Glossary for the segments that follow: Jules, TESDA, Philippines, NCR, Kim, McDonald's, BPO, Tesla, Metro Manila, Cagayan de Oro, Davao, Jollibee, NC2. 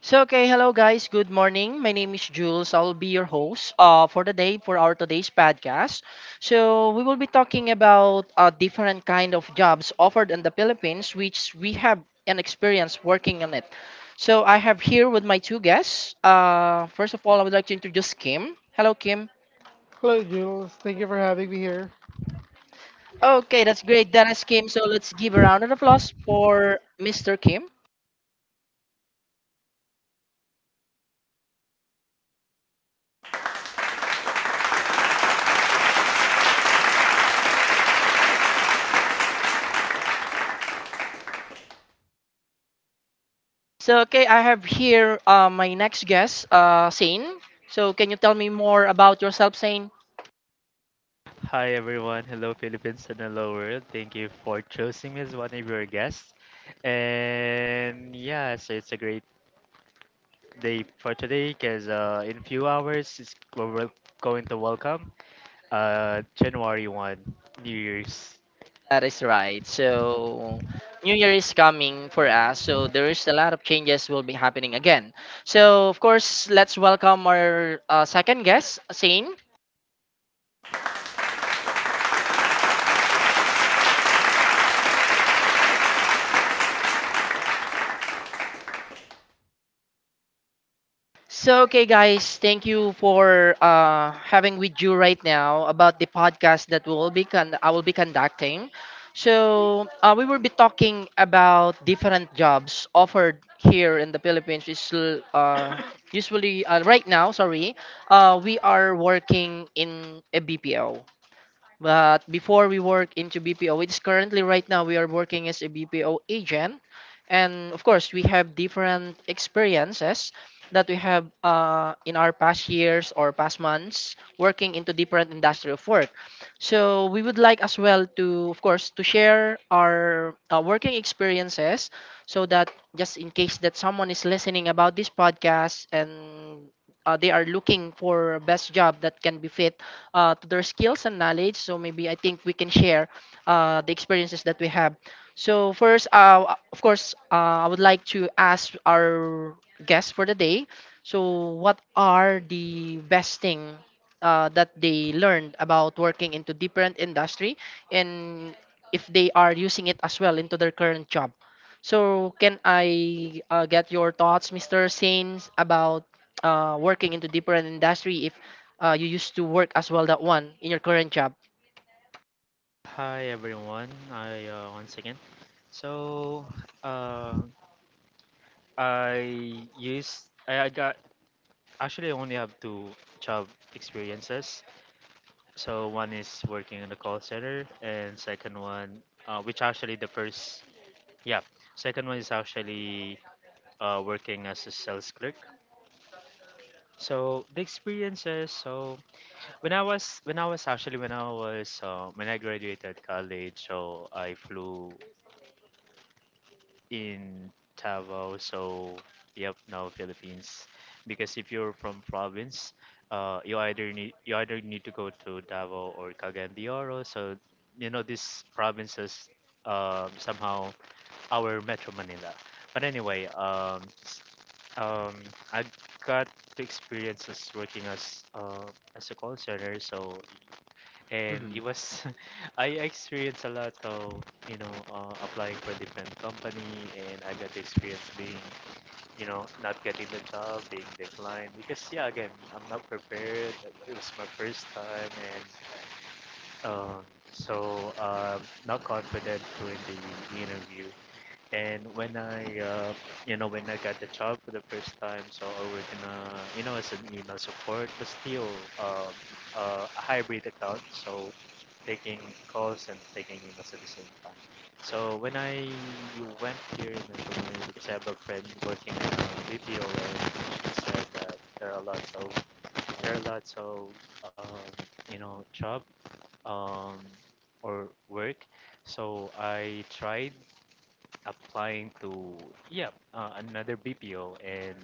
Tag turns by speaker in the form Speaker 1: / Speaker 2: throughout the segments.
Speaker 1: So, hello guys. Good morning. My name is Jules. I'll be your host for the day for our today's podcast. So, we will be talking about different kind of jobs offered in the Philippines, which we have an experience working on it. So, I have here with my two guests. First of all, I would like to introduce Kim. Hello, Kim.
Speaker 2: Hello, Jules. Thank you for having me here.
Speaker 1: Okay, that's great. That is Kim. So, let's give a round of applause for Mr. Kim. I have here my next guest, Sane. So can you tell me more about yourself, Sane?
Speaker 3: Hi everyone, hello Philippines and hello world. Thank you for choosing me as one of your guests. And yeah, so it's a great day for today because in a few hours going to welcome January 1st, New Year's.
Speaker 1: That is right. So New Year is coming for us, so there is a lot of changes will be happening again. So of course, let's welcome our second guest, Sane. So, okay, guys, thank you for having with you right now about the podcast that I will be conducting. So, we will be talking about different jobs offered here in the Philippines. Is usually right now, sorry, we are working in a BPO. But before we work into BPO, it's currently right now we are working as a BPO agent. And of course, we have different experiences that we have in our past years or past months working into different industry of work. So we would like as well to, of course, to share our working experiences so that just in case that someone is listening about this podcast and they are looking for a best job that can be fit to their skills and knowledge. So maybe I think we can share the experiences that we have. So first, of course, I would like to ask our guests for the day. So what are the best thing that they learned about working into different industry and if they are using it as well into their current job? So can I get your thoughts, Mr. Sains, about working into different industry? If you used to work as well that one in your current job.
Speaker 3: Hi everyone, I, once again. So uh, I used I got Actually, I only have two job experiences. So one is working in the call center, and second one, which actually the first, yeah, second one is actually working as a sales clerk. So the experiences. So when I was actually when I was when I graduated college, so I flew in Davao, so yep, no Philippines. Because if you're from province, you either need to go to Davao or Cagayan de Oro. So you know these provinces somehow our Metro Manila. But anyway, um, I got the experiences working as a call center. So and it was I experienced a lot of applying for different company and I got the experience being you know not getting the job, being declined because yeah, again, I'm not prepared. It was my first time and um, so uh, not confident during the interview. And you know, when I got the job for the first time, so I was gonna, you know, as an email support, but still um, a hybrid account, so taking calls and taking emails at the same time. So when I went here in Manila, because I have a friend working at a BPO, and she said that there are lots of there are lots of um, you know job um, or work. So I tried applying to yeah another BPO and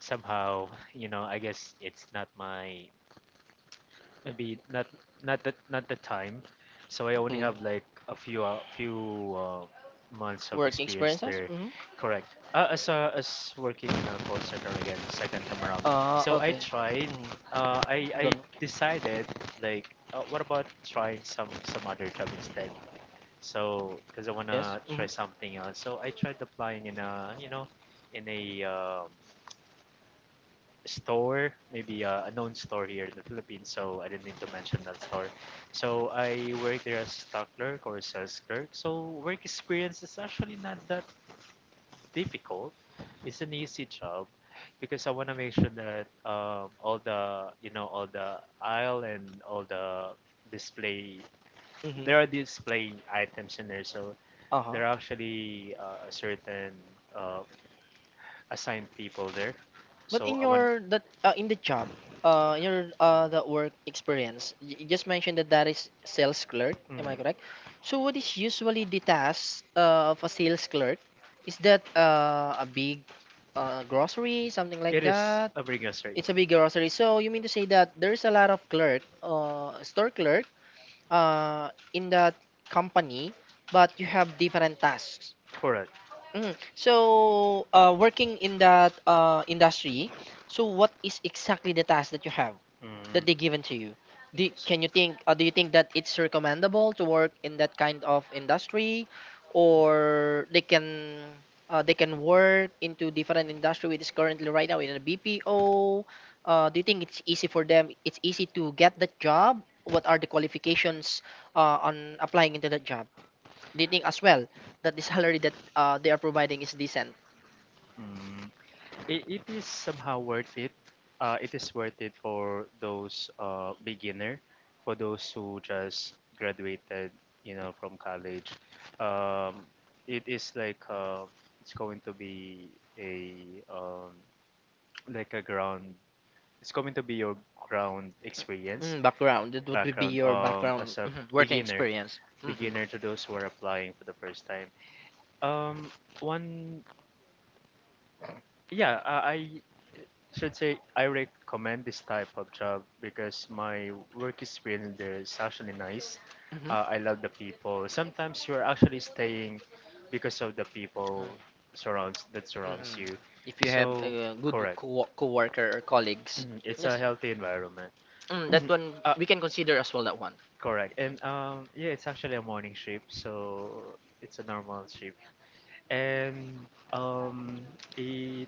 Speaker 3: somehow you know I guess it's maybe not not the time. So I only have
Speaker 1: Mm.
Speaker 3: like a few months of experience there,
Speaker 1: Hmm.
Speaker 3: correct, as working in a call center again, second time around.
Speaker 1: Uh.
Speaker 3: So I tried
Speaker 1: Mm. Know.
Speaker 3: I decided, like, what about trying some other job instead? So, because I wanna
Speaker 1: Hmm.
Speaker 3: try something else, so I tried applying in a, you know, in a store, maybe a known store here in the Philippines. So I didn't need to mention that store. So I work there as stock clerk or sales clerk. So work experience is actually not that difficult. It's an easy job because I wanna make sure that all the, you know, all the aisle and all the display, there are display items in there, so
Speaker 1: Uh.
Speaker 3: there are actually a certain uh, assigned people there.
Speaker 1: But
Speaker 3: So
Speaker 1: in
Speaker 3: I want
Speaker 1: your that in the job, in your the work experience, you just mentioned that that is sales clerk. Am I
Speaker 3: mm,
Speaker 1: correct? So what is usually the task of a sales clerk? Is that a big grocery, something like
Speaker 3: it is
Speaker 1: that?
Speaker 3: obligatory.
Speaker 1: It's a big grocery. So you mean to say that there's a lot of clerk, store clerk, uh, in that company, but you have different tasks.
Speaker 3: Correct.
Speaker 1: Hmm. So, working in that industry, so what is exactly the task that you have
Speaker 3: Mm.
Speaker 1: that they given to you? Do,
Speaker 3: S-
Speaker 1: can you think? Do you think that it's recommendable to work in that kind of industry, or they can work into different industry which is currently right now in a BPO? Do you think it's easy for them? It's easy to get that job. What are the qualifications on applying into that job? They think as well that the salary that they are providing is decent.
Speaker 3: Mm. It is somehow worth it. It is worth it for those beginner, for those who just graduated, you know, from college. Um, it is like it's going to be a um, like a ground. It's going to be your ground experience,
Speaker 1: Mm, background. It would be
Speaker 3: background
Speaker 1: your background,
Speaker 3: as a
Speaker 1: mhm, working
Speaker 3: beginner,
Speaker 1: experience. Mhm, mhm,
Speaker 3: beginner to those who
Speaker 1: mhm.
Speaker 3: are applying for the first time. Um, one, yeah, I should say I recommend this type of job because my work experience there is actually nice. I love the people. Sometimes you're actually staying because of the people surrounds that surrounds you.
Speaker 1: If you have
Speaker 3: So
Speaker 1: a good
Speaker 3: correct,
Speaker 1: co-worker or colleagues.
Speaker 3: it's a
Speaker 1: Yes.
Speaker 3: healthy environment.
Speaker 1: Mm, that one
Speaker 3: uh,
Speaker 1: we can consider as well that one.
Speaker 3: Correct, and yeah, it's actually a morning shift, so it's a normal shift. And um, it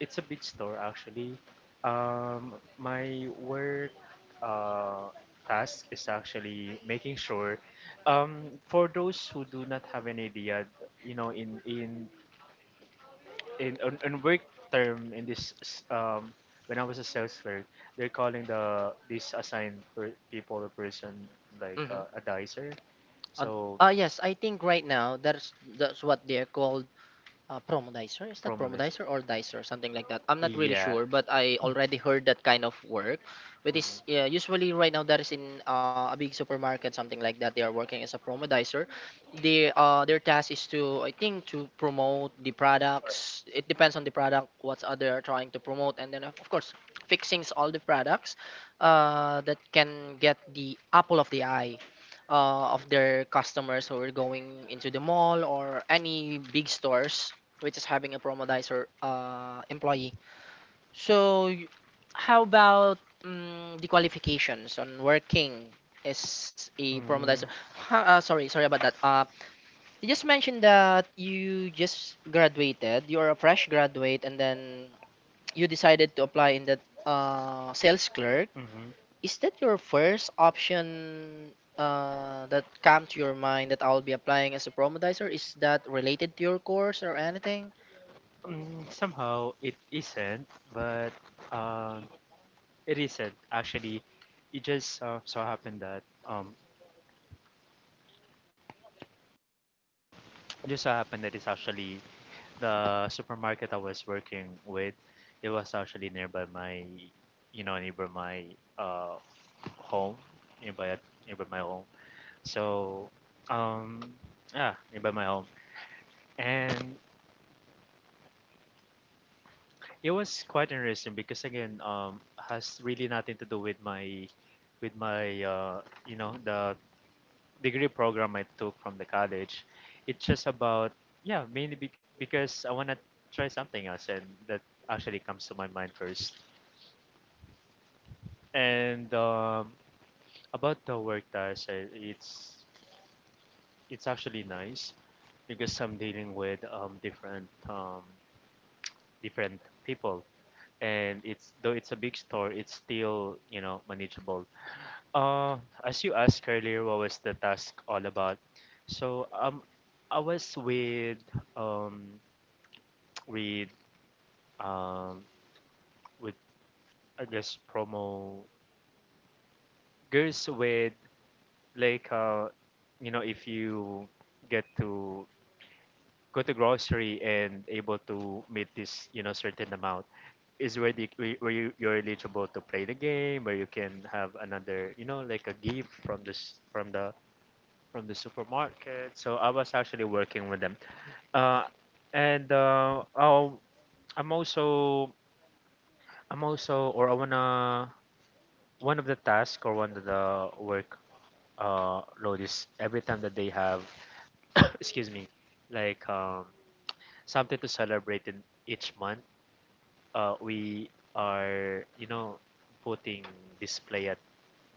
Speaker 3: it's a big store actually. My work uh, task is actually making sure, for those who do not have an idea, you know, on work term in this, when I was a sales clerk, they're calling the this assigned people or person like
Speaker 1: Mhm.
Speaker 3: a
Speaker 1: Uh.
Speaker 3: dicer.
Speaker 1: So
Speaker 3: So
Speaker 1: yes, I think right now that's what they're called promo dicer. Is that promo
Speaker 3: prominence.
Speaker 1: dicer or dicer something like that? I'm not really
Speaker 3: Yeah.
Speaker 1: sure, but I already heard that kind of work, which
Speaker 3: Mhm.
Speaker 1: is, yeah, usually right now that is in a big supermarket, something like that. They are working as a promo dicer. They, their task is to, I think, to promote the products. It depends on the product, what's they are trying to promote, and then, of course, fixings all the products that can get the apple of the eye of their customers who are going into the mall or any big stores which is having a promodizer employee. So, how about the qualifications on working as a
Speaker 3: Mm,
Speaker 1: promodizer? Sorry, sorry about that. You just mentioned that you just graduated. You are a fresh graduate, and then you decided to apply in the sales clerk.
Speaker 3: mhm.
Speaker 1: Is that your first option? That come to your mind that I will be applying as a promodizer, is that related to your course or anything?
Speaker 3: Mm, somehow it isn't, but um, it isn't actually. It just so happened that it just so happened that it's actually the supermarket I was working with. It was actually nearby my, you know, nearby my uh home, nearby my home. So, um, yeah, nearby my home, and it was quite interesting because again, has really nothing to do with my, with my, uh, you know, the degree program I took from the college. It's just about yeah, mainly because I wanna try something else, and that actually comes to my mind first. And about the work that I said, it's actually nice because I'm dealing with different people, and it's though it's a big store, it's still, you know, manageable. uh as you asked earlier, what was the task all about? So I was with um with um with I guess promo girls. With, like, you know, if you get to go to grocery and able to meet this, you know, certain amount is where the where you, you're eligible to play the game where you can have another, you know, like a gift from this from the supermarket. So I was actually working with them. Uh and uh oh I'm also, I'm also or I wanna one of the task or one of the work load is every time that they have excuse me like something to celebrate in each month, we are, you know, putting display at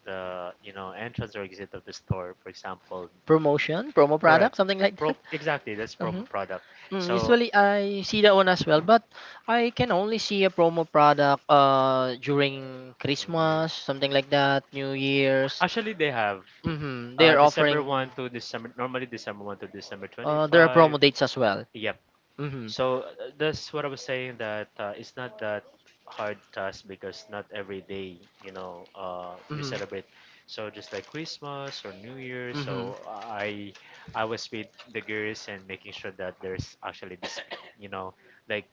Speaker 3: the, you know, entrance or exit of the store, for example.
Speaker 1: Promotion, promo
Speaker 3: Correct.
Speaker 1: product, something like.
Speaker 3: Pro Exactly, that's
Speaker 1: Hmm.
Speaker 3: promo product. So,
Speaker 1: Usually I see that one as well, but I can only see a promo product during
Speaker 3: Mm.
Speaker 1: Christmas, something like that, New Year's.
Speaker 3: Actually, they have
Speaker 1: Mm-hmm. They
Speaker 3: December
Speaker 1: from
Speaker 3: 1 to December, normally December 1st to December 25th.
Speaker 1: dates as well.
Speaker 3: Yeah.
Speaker 1: Mm-hmm.
Speaker 3: So that's what I was saying, that it's not that hard task, because not every day, you know, you celebrate. So just like Christmas or New Year. So I was with the girls and making sure that there's actually this, you know, like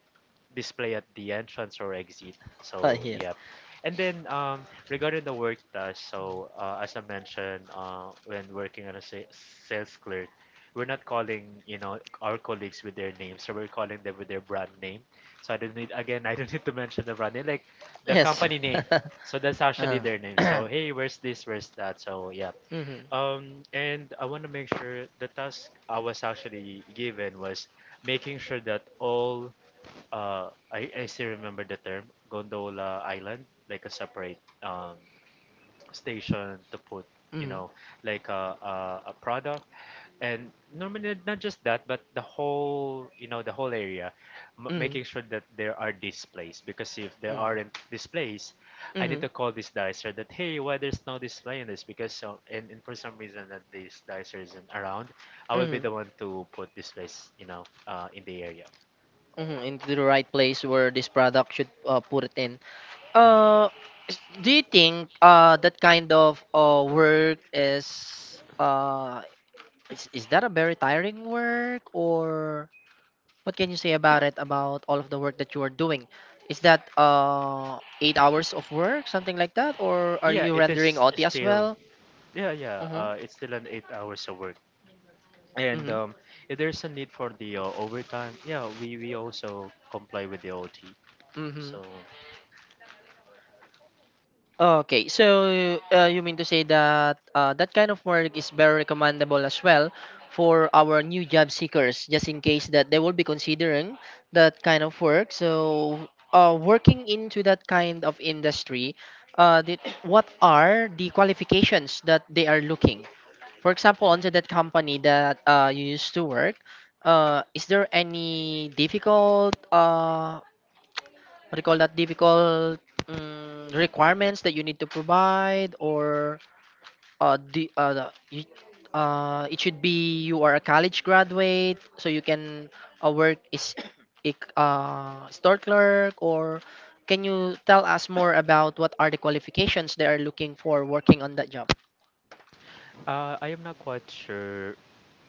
Speaker 3: display at the entrance or exit. So
Speaker 1: Yeah.
Speaker 3: yep. And then regarding the work task, so as I mentioned, when working as a sales clerk, we're not calling, you know, our colleagues with their names, so we're calling them with their brand name. So I don't need, again, I don't need to mention the brand name, like the company name. So that's actually their name. So hey, where's this? Where's that? So yeah.
Speaker 1: Mm-hmm.
Speaker 3: And I want to make sure the task I was actually given was making sure that all I still remember the term gondola island, like a separate um, station to put,
Speaker 1: you
Speaker 3: you
Speaker 1: m-
Speaker 3: know, like a product. And normally, not just that, but the whole, you know, the whole area, making sure that there are displays. Because if there aren't displays, I need to call this dicer that, hey, why there's no display in this? Because, and for some reason, that this dicer isn't around, I will be the one to put displays, you know, in the area.
Speaker 1: mhm, into the right place where this product should put it in.
Speaker 3: Mhm.
Speaker 1: Uh, do you think that kind of work is is that a very tiring work? Or what can you say about it, about all of the work that you are doing? Is that 8 hours of work, something like that, or are
Speaker 3: Yeah,
Speaker 1: you
Speaker 3: it
Speaker 1: rendering
Speaker 3: is
Speaker 1: OT as
Speaker 3: still
Speaker 1: well?
Speaker 3: yeah.
Speaker 1: Mm-hmm.
Speaker 3: It's still an 8 hours of work, and
Speaker 1: Mm-hmm.
Speaker 3: if there's a need for the overtime, yeah, we also comply with the OT.
Speaker 1: Mm-hmm.
Speaker 3: So,
Speaker 1: Okay, so you mean to say that that kind of work is very recommendable as well for our new job seekers, just in case that they will be considering that kind of work. So, working into that kind of industry, uh, did, what are the qualifications that they are looking? For example, onto that company that you used to work, is there any difficult what do you call that difficult, mm, requirements that you need to provide? Or uh, the, uh, the you, it should be you are a college graduate so you can work is store clerk. Or can you tell us more about what are the qualifications they are looking for working on that job?
Speaker 3: I am not quite sure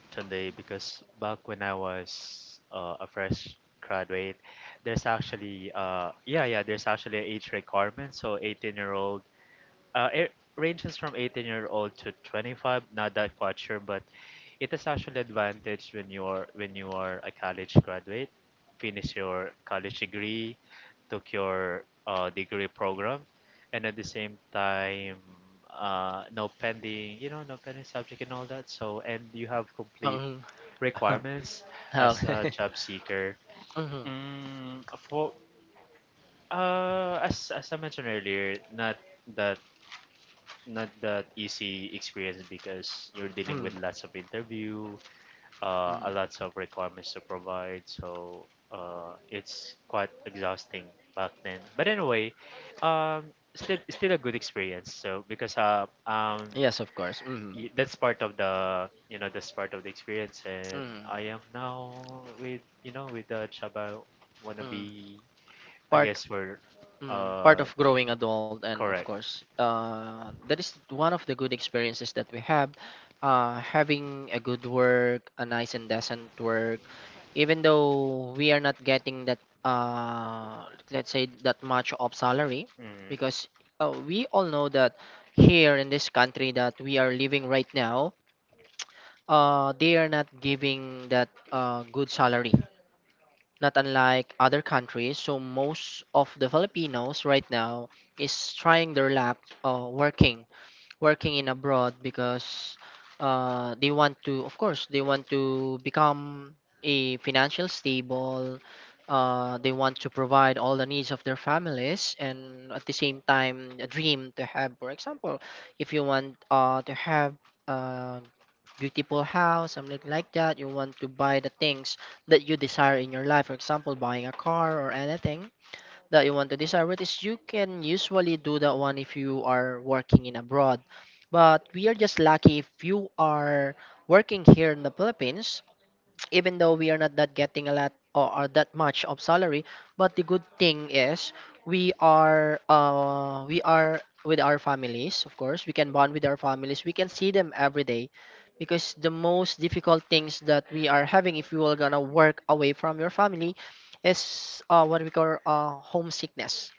Speaker 3: today because back when I was a fresh graduate, there's actually there's actually an age requirement. So 18-year old. It ranges from 18-year-old to 25. Not that quite sure, but it is actually advantage when you are, when you are, a college graduate, finish your college degree, took your degree program, and at the same time, no pending, you know, no pending subject and all that. So, and you have complete
Speaker 1: Mhm,
Speaker 3: requirements as a job seeker.
Speaker 1: mhm,
Speaker 3: For as I mentioned earlier, that not that easy experience because you're dealing
Speaker 1: mm.
Speaker 3: with lots of interview, a lots of requirements to provide. So it's quite exhausting back then. But anyway, um, still a good experience. So because
Speaker 1: Yes, of course. Hmm.
Speaker 3: that's part of the, you know, that's part of the experience, and
Speaker 1: Mm.
Speaker 3: I am now with, you know, with the job I wanna
Speaker 1: Mm.
Speaker 3: be. I
Speaker 1: Part.
Speaker 3: guess we're
Speaker 1: Mm, part
Speaker 3: uh
Speaker 1: of growing adult, and of
Speaker 3: Correct.
Speaker 1: course that is one of the good experiences that we have, having a good work, a nice and decent work, even though we are not getting that, let's say, that much of salary.
Speaker 3: Mm,
Speaker 1: Because we all know that here in this country that we are living right now, they are not giving that good salary, not unlike other countries. So most of the filipinos right now is trying their luck working, working in abroad, because they want to, of course, they want to become a financial stable. They want to provide all the needs of their families, and at the same time a dream to have. For example, if you want to have a beautiful house, something like that. You want to buy the things that you desire in your life, for example buying a car or anything that you want to desire, is you can usually do that one if you are working in abroad. But we are just lucky if you are working here in the Philippines, even though we are not that getting a lot, or that much of salary. But the good thing is we are with our families. Of course, we can bond with our families, we can see them every day. Because the most difficult things that we are having, if you are gonna work away from your family, is what we call homesickness.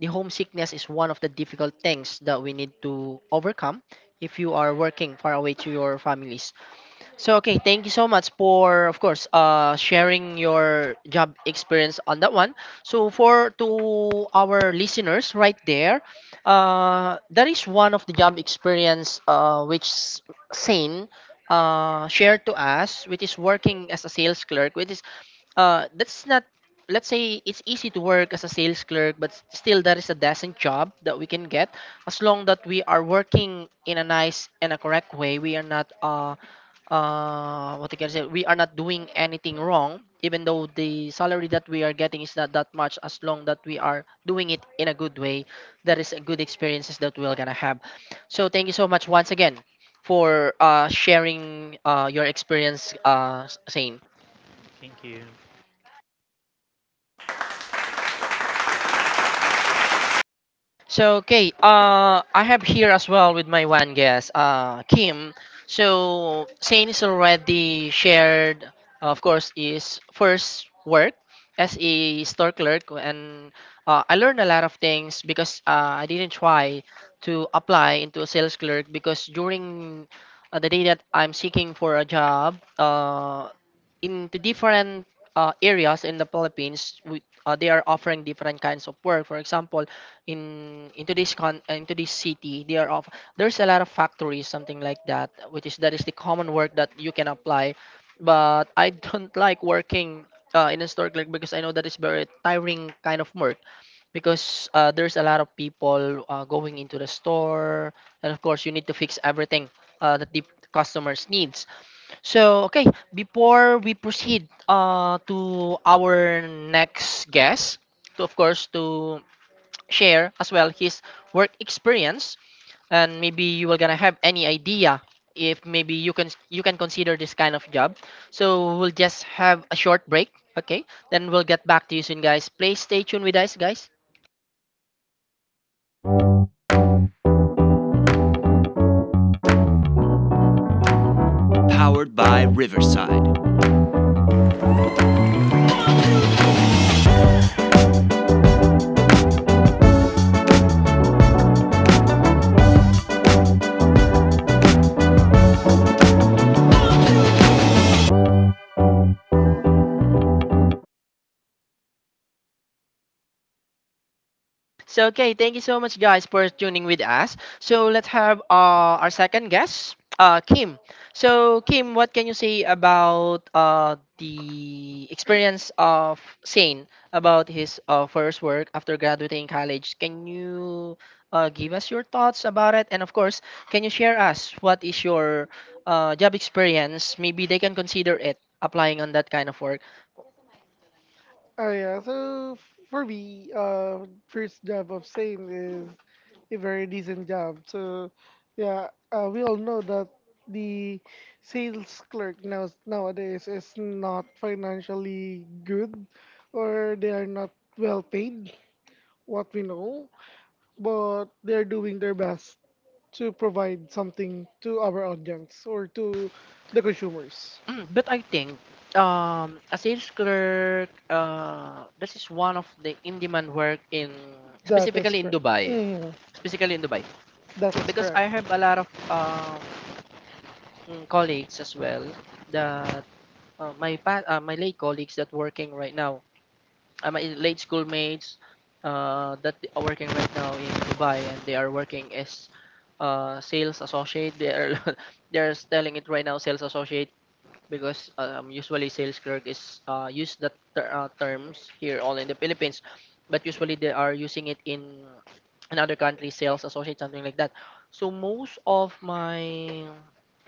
Speaker 1: The homesickness is one of the difficult things that we need to overcome if you are working far away to your families. So okay, thank you so much for, of course, sharing your job experience on that one. So for to our listeners right there, that is one of the job experience which Sane shared to us, which is working as a sales clerk, which is that's not, let's say, it's easy to work as a sales clerk, but still that is a decent job that we can get as long that we are working in a nice and a correct way. We are not what you can say, we are not doing anything wrong, even though the salary that we are getting is not that much. As long that we are doing it in a good way, that is a good experiences that we're gonna have. So thank you so much once again for sharing your experience, Sain.
Speaker 3: thank you.
Speaker 1: So okay, I have here as well with my one guest, Kim. So Saints already shared, of course, is first work as a store clerk, and I learned a lot of things because I didn't try to apply into a sales clerk because during the day that I'm seeking for a job, in the different areas in the Philippines, they are offering different kinds of work. For example, in into this con into this city they are off there's a lot of factories, something like that, which is that is the common work that you can apply, but I don't like working in a store clerk because I know that is very tiring kind of work because there's a lot of people going into the store, and of course you need to fix everything that the customers needs. So okay, before we proceed to our next guest, to of course to share as well his work experience, and maybe you are gonna have any idea if maybe you can consider this kind of job. So we'll just have a short break, okay, then we'll get back to you soon, guys. Please stay tuned with us, guys. So okay, thank you so much guys for tuning with us. So let's have our second guest, Kim. So Kim, what can you say about the experience of Shane about his first work after graduating college? Can you give us your thoughts about it? And of course, can you share us what is your job experience? Maybe they can consider it applying on that kind of work.
Speaker 2: Oh yeah. For me, first job of sales is a very decent job. So yeah, we all know that the sales clerk nowadays is not financially good, or they are not well paid. What we know, but they're doing their best to provide something to our audience or to the consumers.
Speaker 1: Mm, but I think a sales clerk, this is one of the in-demand work in specifically in Dubai,
Speaker 2: Mm,
Speaker 1: specifically in Dubai,
Speaker 2: that
Speaker 1: because I have a lot of
Speaker 2: of
Speaker 1: colleagues as well that my late colleagues that working right now, my late schoolmates that are working right now in Dubai, and they are working as sales associate. They are they're telling it right now, sales associate, because usually sales clerk is use the terms here all in the Philippines, but usually they are using it in another country, sales associate, something like that. So most of my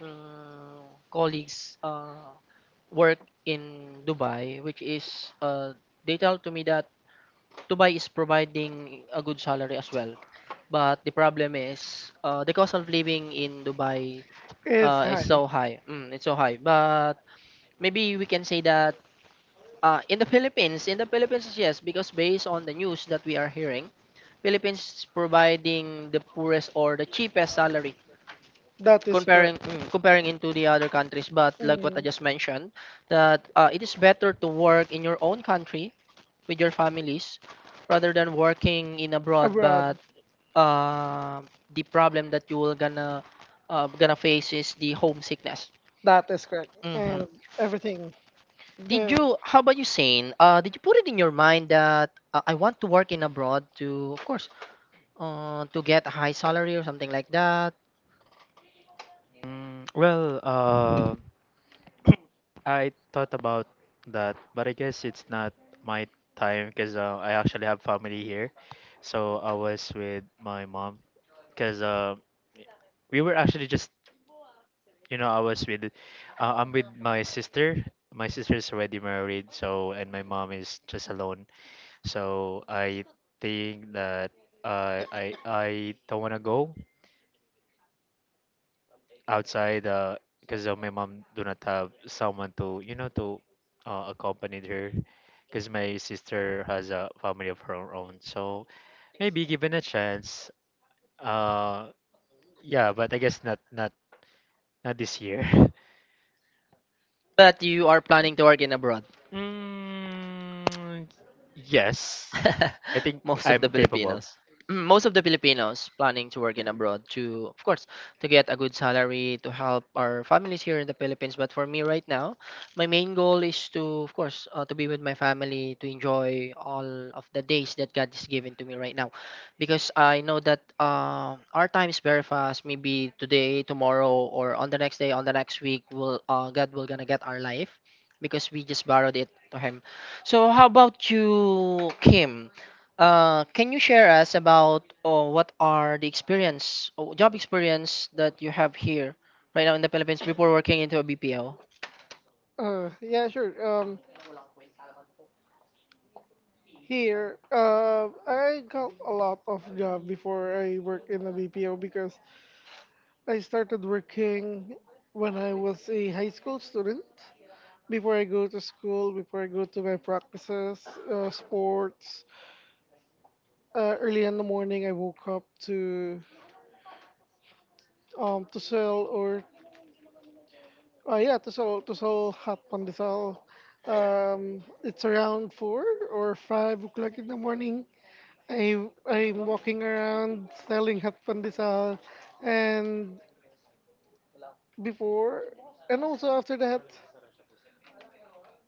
Speaker 1: colleagues work in Dubai, which is they tell to me that Dubai is providing a good salary as well. But the problem is the cost of living in Dubai is so high. Mm, it's so high, but maybe we can say that in the Philippines, yes, because based on the news that we are hearing, Philippines is providing the poorest or the cheapest salary comparing comparing into the other countries. But like what I just mentioned, that it is better to work in your own country with your families rather than working in abroad. But uh, the problem that you will gonna gonna face is the homesickness.
Speaker 2: That is correct. And
Speaker 1: Mhm.
Speaker 2: everything.
Speaker 1: Did
Speaker 2: Did
Speaker 1: you? How about you, Sane? Did you put it in your mind that I want to work in abroad to, of course, to get a high salary or something like that?
Speaker 3: Mm, well, I thought about that, but I guess it's not my time because I actually have family here. So I was with my mom because we were actually just, you know, I'm with my sister. My sister is already married, so and my mom is just alone. So I think that I don't want to go outside because my mom do not have someone to to accompany her because my sister has a family of her own, so maybe given a chance, uh yeah, but I guess not not this year.
Speaker 1: But you are planning to work in abroad.
Speaker 3: mm, yes, I think
Speaker 1: Most of
Speaker 3: I'm
Speaker 1: the
Speaker 3: capable.
Speaker 1: Filipinos. Mm, most of the Filipinos planning to work in abroad to, of course, to get a good salary to help our families here in the Philippines. But for me right now, my main goal is to, of course, to be with my family, to enjoy all of the days that God is giving to me right now, because I know that our time is very fast. Maybe today, tomorrow, or on the next day, on the next week, will God will gonna get our life, because we just borrowed it to Him. So how about you, Kim? Can you share us about, oh, what are the experience, oh, job experience that you have here right now in the Philippines before working into a BPO?
Speaker 2: Yeah, sure. Here, I got a lot of job before I work in the BPO because I started working when I was a high school student. Before I go to school, before I go to my practices, sports, early in the morning I woke up to sell or yeah to sell hot pandesal. It's around 4 or 5 o'clock in the morning. I'm walking around selling hot pandesal, and before and also after that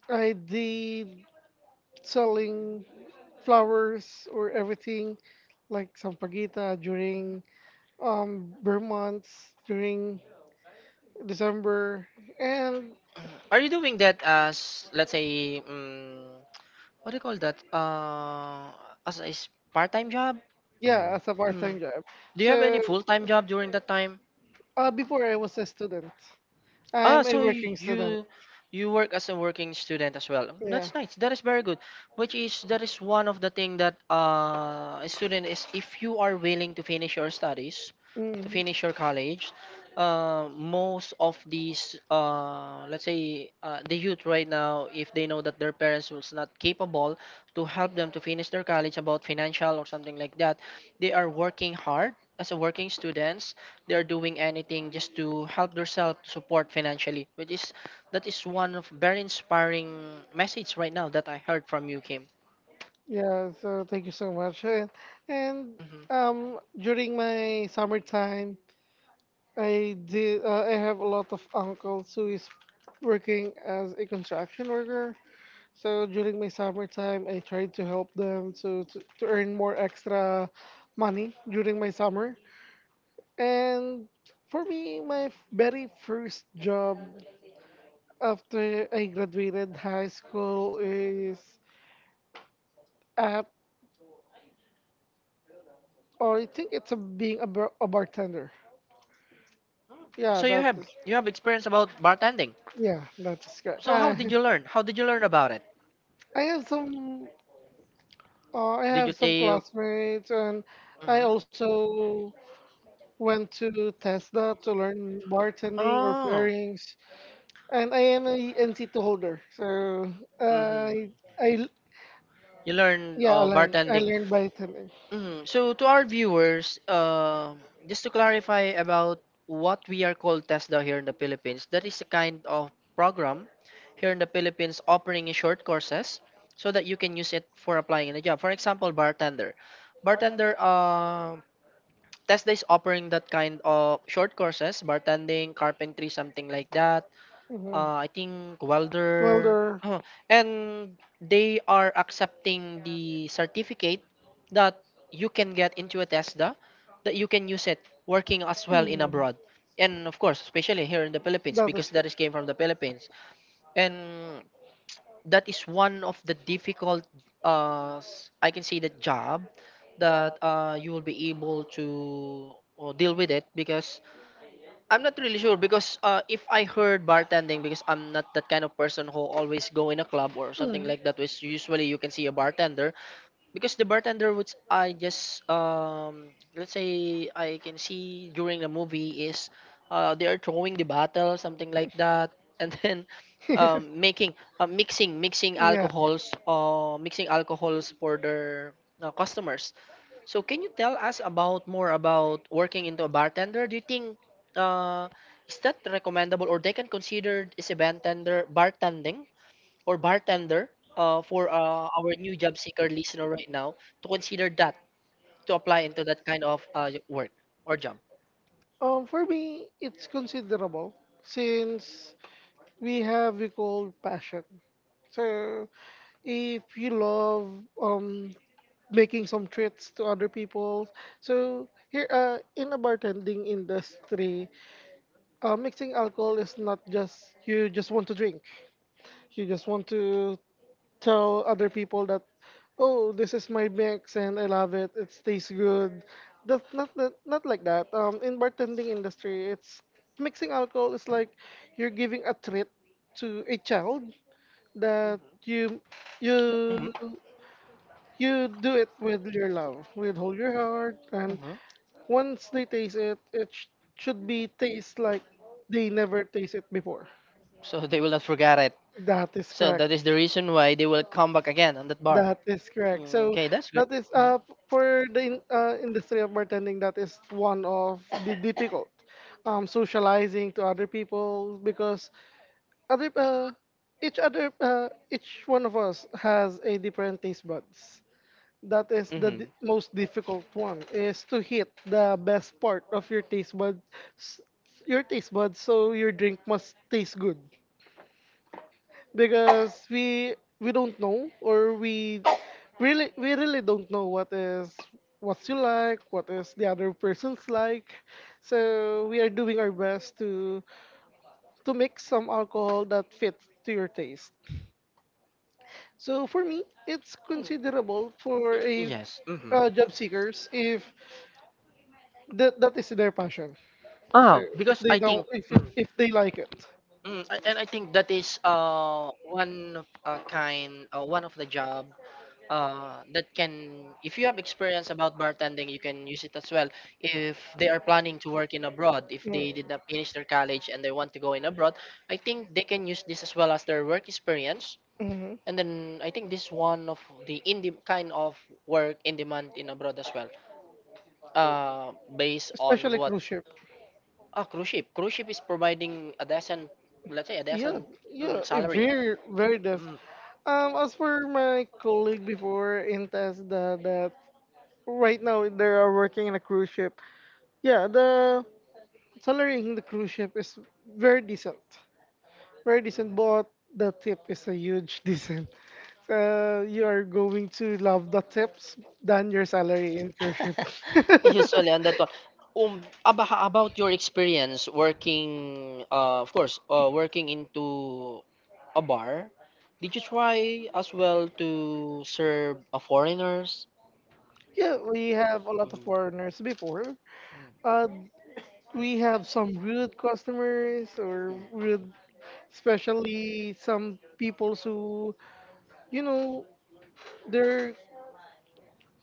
Speaker 2: I did selling flowers or everything like sampaguita during bare months during December. And
Speaker 1: Are you doing that as, let's say, what do you call that? As a part-time job?
Speaker 2: yeah,
Speaker 3: Mhm.
Speaker 2: as a
Speaker 1: Mm.
Speaker 2: part-time job.
Speaker 1: Do you have any
Speaker 2: So
Speaker 1: full-time job during that time?
Speaker 2: before I was a student,
Speaker 1: Ah,
Speaker 2: I'm a
Speaker 1: so
Speaker 2: working student.
Speaker 1: you you work as a working student as well.
Speaker 2: Yeah.
Speaker 1: That's nice. That is very good. Which is that is one of the thing that a student is, if you are willing to finish your studies,
Speaker 2: Mm.
Speaker 1: to finish your college, most of these let's say the youth right now, if they know that their parents was not capable to help them to finish their college about financial or something like that, they are working hard as a working students. They're doing anything just to help themselves support financially, which is that is one of very inspiring message right now that I heard from you, Kim.
Speaker 2: Yeah, so thank you so much. And
Speaker 1: Mhm.
Speaker 2: During my summertime, I did. I have a lot of uncles who is working as a construction worker. So during my summertime, I tried to help them to, to earn more extra money during my summer. And for me, my very first job after I graduated high school is at, or I think it's a, being a, bar- a bartender. Yeah,
Speaker 1: So you
Speaker 2: that
Speaker 1: have,
Speaker 2: is.
Speaker 1: you have experience about bartending.
Speaker 2: Yeah, that is correct.
Speaker 1: So how did you learn, how did you learn about it?
Speaker 2: I have some I
Speaker 1: Did you
Speaker 2: have some
Speaker 1: take?
Speaker 2: classmates, and I
Speaker 1: Mhm.
Speaker 2: also went to Tesla to learn bartending or
Speaker 1: Oh.
Speaker 2: pairings, and I am a NC2 holder, so uh, I
Speaker 1: Hmm.
Speaker 2: I
Speaker 1: You learned
Speaker 2: I
Speaker 1: bartending.
Speaker 2: learned bartending.
Speaker 1: Mm, so to our viewers, just to clarify about what we are called TESDA here in the Philippines, that is a kind of program here in the Philippines offering in short courses so that you can use it for applying in a job. For example, bartender. Bartender, TESDA is offering that kind of short courses, bartending, carpentry, something like that,
Speaker 2: Mhm.
Speaker 1: I think welder.
Speaker 2: Welder. Mhm.
Speaker 1: Oh, and they are accepting the certificate that you can get into a TESDA, that
Speaker 2: That
Speaker 1: you can use it working as well in abroad. And of course, especially here in the Philippines, because
Speaker 2: is
Speaker 1: that is came from the
Speaker 2: correct.
Speaker 1: Philippines. And that is one of the difficult, I can say, the job that you will be able to deal with it, because I'm not really sure, because if I heard bartending, because I'm not that kind of person who always go in a club or something like that, which usually you can see a
Speaker 2: Mm.
Speaker 1: bartender. Because the bartender, which I just let's say I can see during the movie, is they are throwing the bottle, something like that, and then um, making uh, mixing
Speaker 2: Yeah.
Speaker 1: alcohols, mixing alcohols for their customers. So can you tell us about more about working into a bartender? Do you think uh, is that recommendable, or they can consider is a bartender, bartending or bartender, for our new job seeker listener right now to consider that, to apply into that kind of work or job?
Speaker 2: For me, it's considerable since we call passion. So if you love making some treats to other people, so here in the bartending industry, mixing alcohol is not just you just want to drink. You just want to tell other people that oh, this is my mix and I love it, it tastes good. That's not that, not like that. In bartending industry, it's mixing alcohol is like you're giving a treat to a child that hmm you you
Speaker 1: Hmm.
Speaker 2: you do it with your love, with hold your heart, and
Speaker 1: Hmm.
Speaker 2: once they taste it, should be taste like they never taste it before.
Speaker 1: So they will not forget it.
Speaker 2: That is
Speaker 1: So
Speaker 2: correct.
Speaker 1: that is the reason why they will come back again on that bar.
Speaker 2: That is correct.
Speaker 1: Mm,
Speaker 2: So
Speaker 1: okay, that's great.
Speaker 2: that is
Speaker 1: Hmm.
Speaker 2: for the industry of bartending, that is one of the difficult socializing to other people, because other each other each one of us has a different taste buds. That is the
Speaker 1: Hmm.
Speaker 2: most difficult one, is to hit the best part of your taste buds your taste buds, so your drink must taste good. Because we don't know, or we really don't know what is what you like, what is the other person's like, so we are doing our best to make some alcohol that fits to your taste. So for me, it's considerable for a
Speaker 1: Yes. Hmm.
Speaker 2: job seekers if that is their passion, so
Speaker 1: Ah,
Speaker 2: if
Speaker 1: because
Speaker 2: they
Speaker 1: I
Speaker 2: don't,
Speaker 1: think, mm,
Speaker 2: if they like it.
Speaker 1: mm, and I think that is one of a kind, one of the job that can, if you have experience about bartending, you can use it as well. If they are planning to work in abroad, if they did not finish their college and they want to go in abroad, I think they can use this as well as their work experience.
Speaker 2: Mm.
Speaker 1: And then I think this is one of the in kind of work in demand in abroad as well. Uh, based on
Speaker 2: Especially
Speaker 1: what.
Speaker 2: cruise ship.
Speaker 1: Ah, cruise ship. Cruise ship is providing a decent, let's say, a
Speaker 2: Yeah,
Speaker 1: decent, mm,
Speaker 2: yeah, it
Speaker 1: salary.
Speaker 2: very, very does. As for my colleague before in Tesla, that right now they are working in a cruise ship. Yeah, the salary in the cruise ship is very decent, very decent, but the tip is a huge decent. So you are going to love the tips than your salary in cruise ship.
Speaker 1: Usually, and that one. About your experience working, of course, working into a bar. Did you try as well to serve foreigners?
Speaker 2: Yeah, we have a lot of foreigners before. Uh, we have some rude customers, or rude, especially some people who you know, there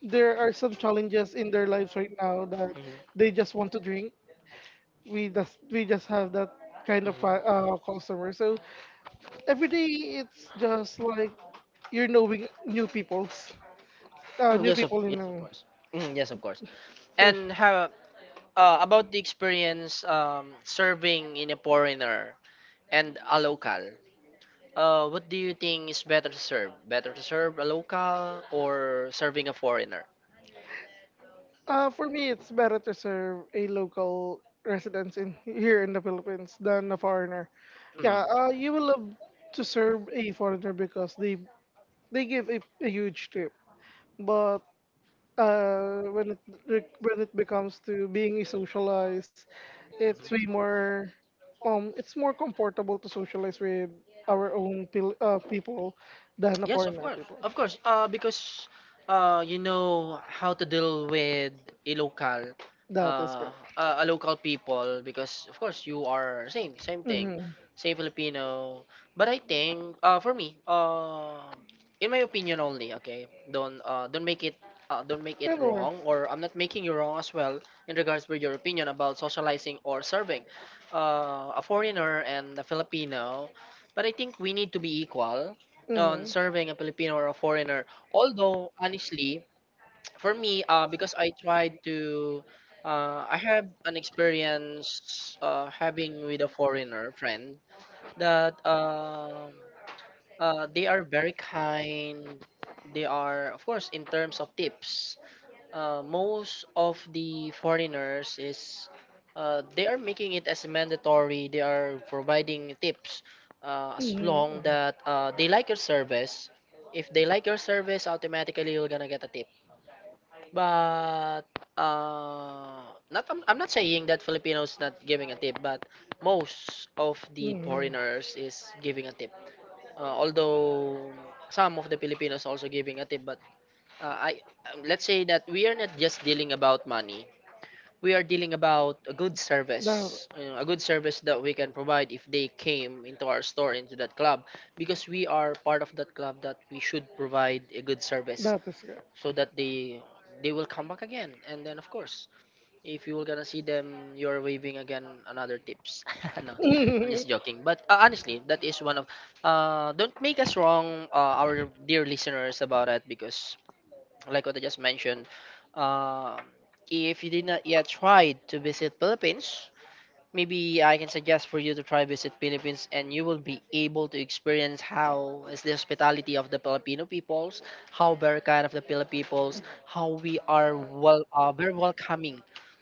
Speaker 2: are some challenges in their lives right now, that
Speaker 1: Mhm. Mm.
Speaker 2: they just want to drink. We just have that kind of
Speaker 1: Mhm.
Speaker 2: customer. So
Speaker 1: Mhm.
Speaker 2: every day it's just like you're knowing new people's
Speaker 1: Mm,
Speaker 2: new
Speaker 1: yes, of
Speaker 2: people
Speaker 1: yes,
Speaker 2: in
Speaker 1: mm, yes, of course.
Speaker 2: so-
Speaker 1: And how about the experience serving in a foreigner and a local? What do you think is better to serve? Better to serve a local or serving a foreigner?
Speaker 2: For me, it's better to serve a local residents in here in the Philippines than a foreigner.
Speaker 1: Mm.
Speaker 2: Yeah, you will
Speaker 1: Mhm.
Speaker 2: love to serve a foreigner because they give a huge tip. But uh, when it when it becomes to being a socialize, it's way more it's more comfortable to socialize with our own people than a
Speaker 1: Yes, of
Speaker 2: foreigner
Speaker 1: course,
Speaker 2: people.
Speaker 1: of course. Because you know how to deal with a local, uh, a local people. Because of course you are same, same thing,
Speaker 2: Mm-hmm.
Speaker 1: same Filipino. But I think, for me, in my opinion only. Okay, don't make it. Don't make it
Speaker 2: Wrong,
Speaker 1: wrong, or I'm not making you wrong as well in regards with your opinion about socializing or serving a foreigner and a Filipino, but I think we need to be equal on serving a Filipino or a foreigner. Although honestly, for me, because I tried to, I have an experience having with a foreigner friend that they are very kind. They are, of course, in terms of tips, most of the foreigners is they are making it as mandatory. They are providing tips as long that they like your
Speaker 2: a service.
Speaker 1: service. If they like your service, automatically you're gonna get a tip. But not I'm not saying that Filipinos not giving a tip, but most of the foreigners is giving a tip. Although some of the Filipinos also giving a tip, but I let's say that we are not just dealing about money. We
Speaker 2: We
Speaker 1: are
Speaker 2: are
Speaker 1: dealing about a good
Speaker 2: good.
Speaker 1: service, you know, a good service that we can provide if they came into our store, into that club, because we are part of that club that we should provide a good service
Speaker 2: That is correct.
Speaker 1: so that they will come back again. And then of course, if you were gonna see them, you're waving again another tips. No, I'm just joking. But honestly, that is one of uh, Don't make us wrong, our dear listeners, about it because like what I just mentioned, um, if you did not yet try to visit Philippines, maybe I can suggest for you to try visit Philippines, and you will be able to experience how is the hospitality of the Filipino peoples, how very kind of the Filipino peoples, how we are well, very welcoming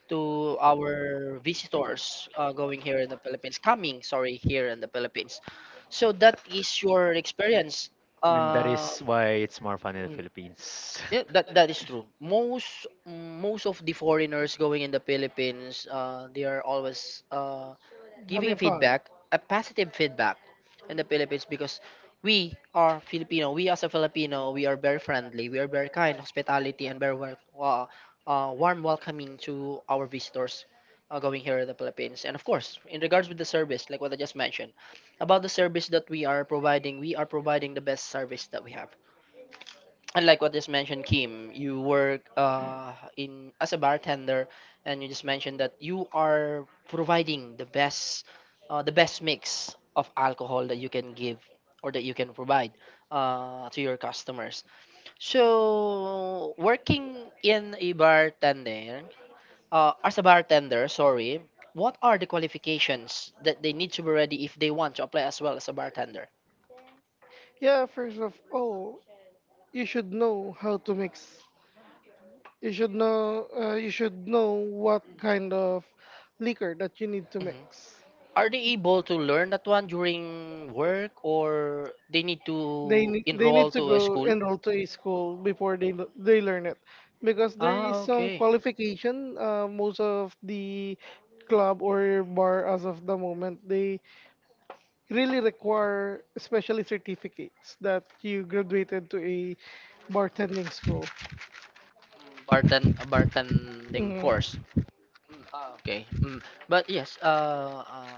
Speaker 1: to our visitors going here in the Philippines, coming, sorry, here in the Philippines. So that is your experience.
Speaker 3: And that
Speaker 1: Um,
Speaker 3: is why it's more fun in the
Speaker 1: Nice.
Speaker 3: Philippines.
Speaker 1: Yeah, that is true. Most of the foreigners going in the Philippines, they are always giving a
Speaker 2: Having fun.
Speaker 1: feedback, a positive feedback in the Philippines because we are Filipino. We as a Filipino, we are very friendly, we are very kind, hospitality, and very warm welcoming to our visitors going here in the Philippines. And of course, in regards with the service, like what I just mentioned, about the service that we are providing the best service that we have. And like what just mentioned, Kim, you work in as a bartender, and you just mentioned that you are providing the best the best mix of alcohol that you can give or that you can provide to your customers. So working in a bartender, as a bartender, sorry, what are the qualifications that they need to be ready if they want to apply as well as a bartender?
Speaker 2: Yeah, first of all, you should know how to mix. You should know what kind of liquor that you need to
Speaker 1: Mm-hmm.
Speaker 2: mix.
Speaker 1: Are they able to learn that one during work or they need to
Speaker 2: They need
Speaker 1: enroll
Speaker 2: to
Speaker 1: to a
Speaker 2: go
Speaker 1: school?
Speaker 2: enroll to a school before they learn it, because there is
Speaker 1: Ah,
Speaker 2: some
Speaker 1: okay.
Speaker 2: qualification. Most of the club or bar as of the moment, they really require especially certificates that you graduated to a bartending school.
Speaker 1: Bartend a bartending
Speaker 2: Mm,
Speaker 1: course. Okay. Mm. But yes,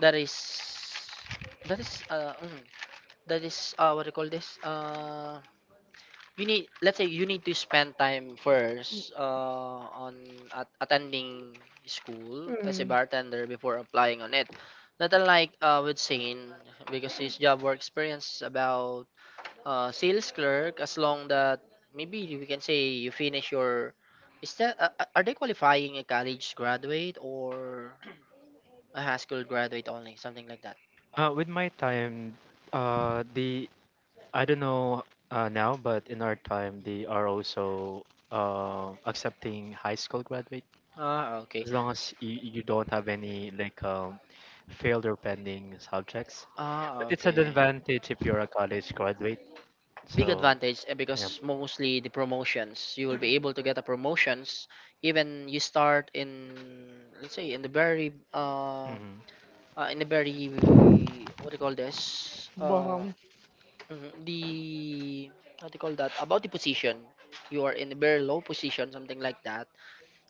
Speaker 1: that is that is that is what do you call this? You need, let's say you need to spend time first on at, attending school as a
Speaker 2: mm,
Speaker 1: bartender before applying on it, not unlike with Shane, because his job work experience about sales clerk, as long that maybe we can say you finish your, is that are they qualifying a college graduate or a high school graduate only, something like that?
Speaker 3: With my time, the I don't know now, but in our time, they
Speaker 1: Mm.
Speaker 3: are also accepting high school graduate
Speaker 1: Ah, okay.
Speaker 3: as long as you, you don't have any like failed or pending subjects. But
Speaker 1: Ah,
Speaker 3: it's an
Speaker 1: okay.
Speaker 3: advantage if you're a college graduate.
Speaker 1: Big
Speaker 3: So
Speaker 1: advantage eh,
Speaker 3: yeah.
Speaker 1: because mostly the promotions, you will be able to get a promotions even you start in, let's say,
Speaker 3: Hmm.
Speaker 1: in the very what do you call this
Speaker 2: bottom.
Speaker 1: mhm. The how do you call that about the position, you are in a very low position, something like that,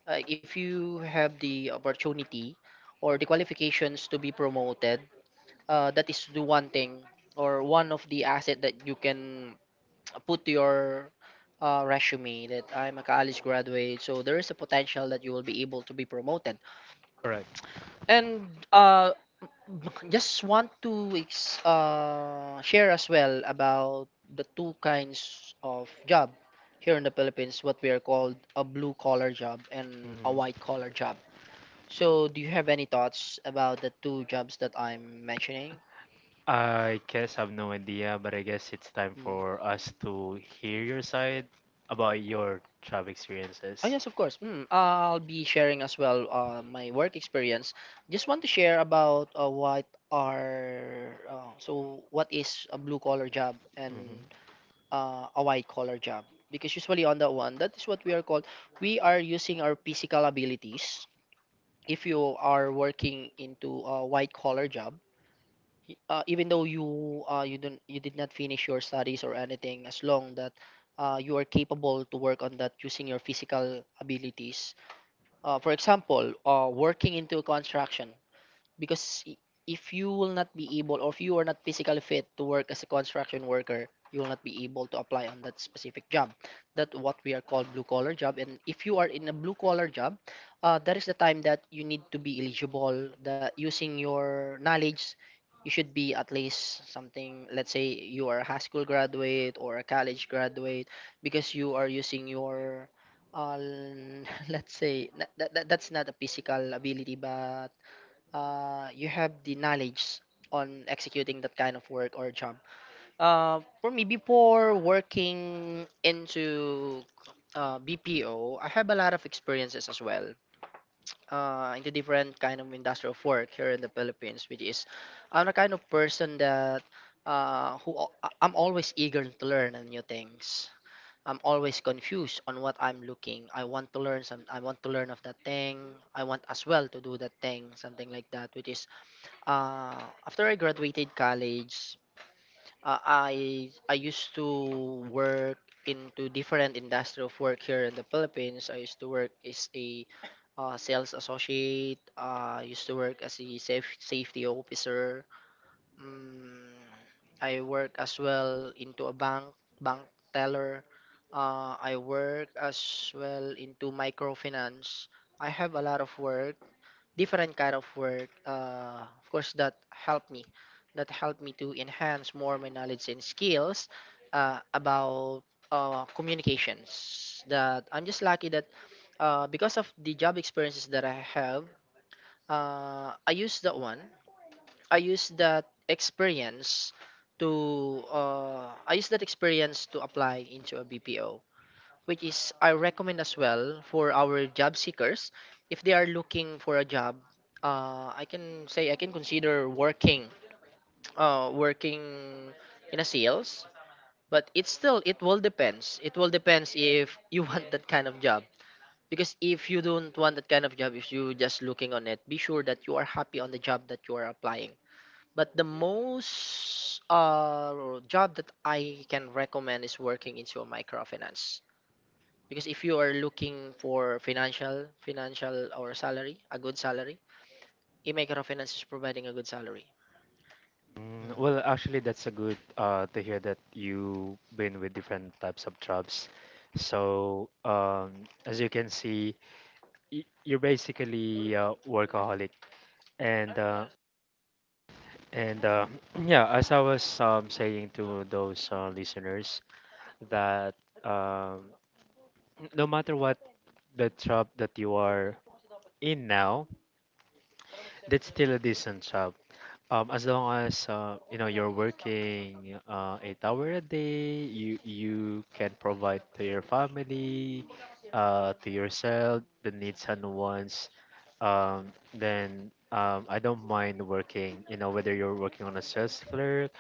Speaker 1: like if you have the opportunity or the qualifications to be promoted, that is the one thing or one of the asset that you can put to your resume that I'm a college graduate. So there is a potential that you will be able to be promoted.
Speaker 3: Correct.
Speaker 1: And uh, just want to share as well about the two kinds of job here in the Philippines, what we are called a blue collar job and a white
Speaker 3: Hmm.
Speaker 1: collar job. So do you have any thoughts about the two jobs that I'm mentioning?
Speaker 3: I guess I have no idea, but I guess it's time
Speaker 1: Mm.
Speaker 3: for us to hear your side about your job
Speaker 1: Oh
Speaker 3: experiences.
Speaker 1: yes, of course. Mm, I'll be sharing as well my work experience. Just want to share about what are so what is a blue collar job and
Speaker 3: Mm-hmm.
Speaker 1: a white collar job, because usually on that one that is what we are called. We are using our physical abilities. If you are working into a white collar job, even though you you don't, you did not finish your studies or anything, as long that you are capable to work on that using your physical abilities, for example working into construction, because if you will not be able, or if you are not physically fit to work as a construction worker, you will not be able to apply on that specific job. That what we are called blue collar job. And if you are in a blue collar job, that is the time that you need to be eligible that using your knowledge, you should be at least something, let's say you are a high school graduate or a college graduate, because you are using your uh, let's say that's not a physical ability, but you have the knowledge on executing that kind of work or job. For me, before working into BPO, I have a lot of experiences as well into different kind of industrial work here in the Philippines, which is I'm the kind of person that I'm always eager to learn and new things. I'm always confused on what I'm looking. I want to learn some. I want to learn of that thing. I want as well to do that thing, something like that, which is uh, after I graduated college, uh, I used to work into different industry of work here in the Philippines. I used to work as a sales associate. I used to work as a safety officer. Mm, I work as well into a bank teller. I work as well into microfinance. I have a lot of work, different kind of work, of course that helped me to enhance more my knowledge and skills uh, about communications. That I'm just lucky that because of the job experiences that I have, uh, i use that one I use that experience to apply into a BPO, which is I recommend as well for our job seekers if they are looking for a job. I can say I can consider working in a sales, but it's still, it will depends if you want that kind of job. Because if you don't want that kind of job, if you just looking on it, be sure that you are happy on the job that you are applying. But the most job that I can recommend is working into a microfinance, because if you are looking for financial or salary, a good salary, e microfinance is providing a good salary. Mm.
Speaker 3: Well, actually, that's a good to hear that you've been with different types of jobs. So, as you can see, you're basically a workaholic, and uh, and yeah, as I was saying to those listeners that, um, no matter what the job that you are in now, that's still a decent job. As long as you know, you're working 8 hours a day, you can provide to your family, to yourself the needs and wants. Then I don't mind working. You know, whether you're working on a sales clerk,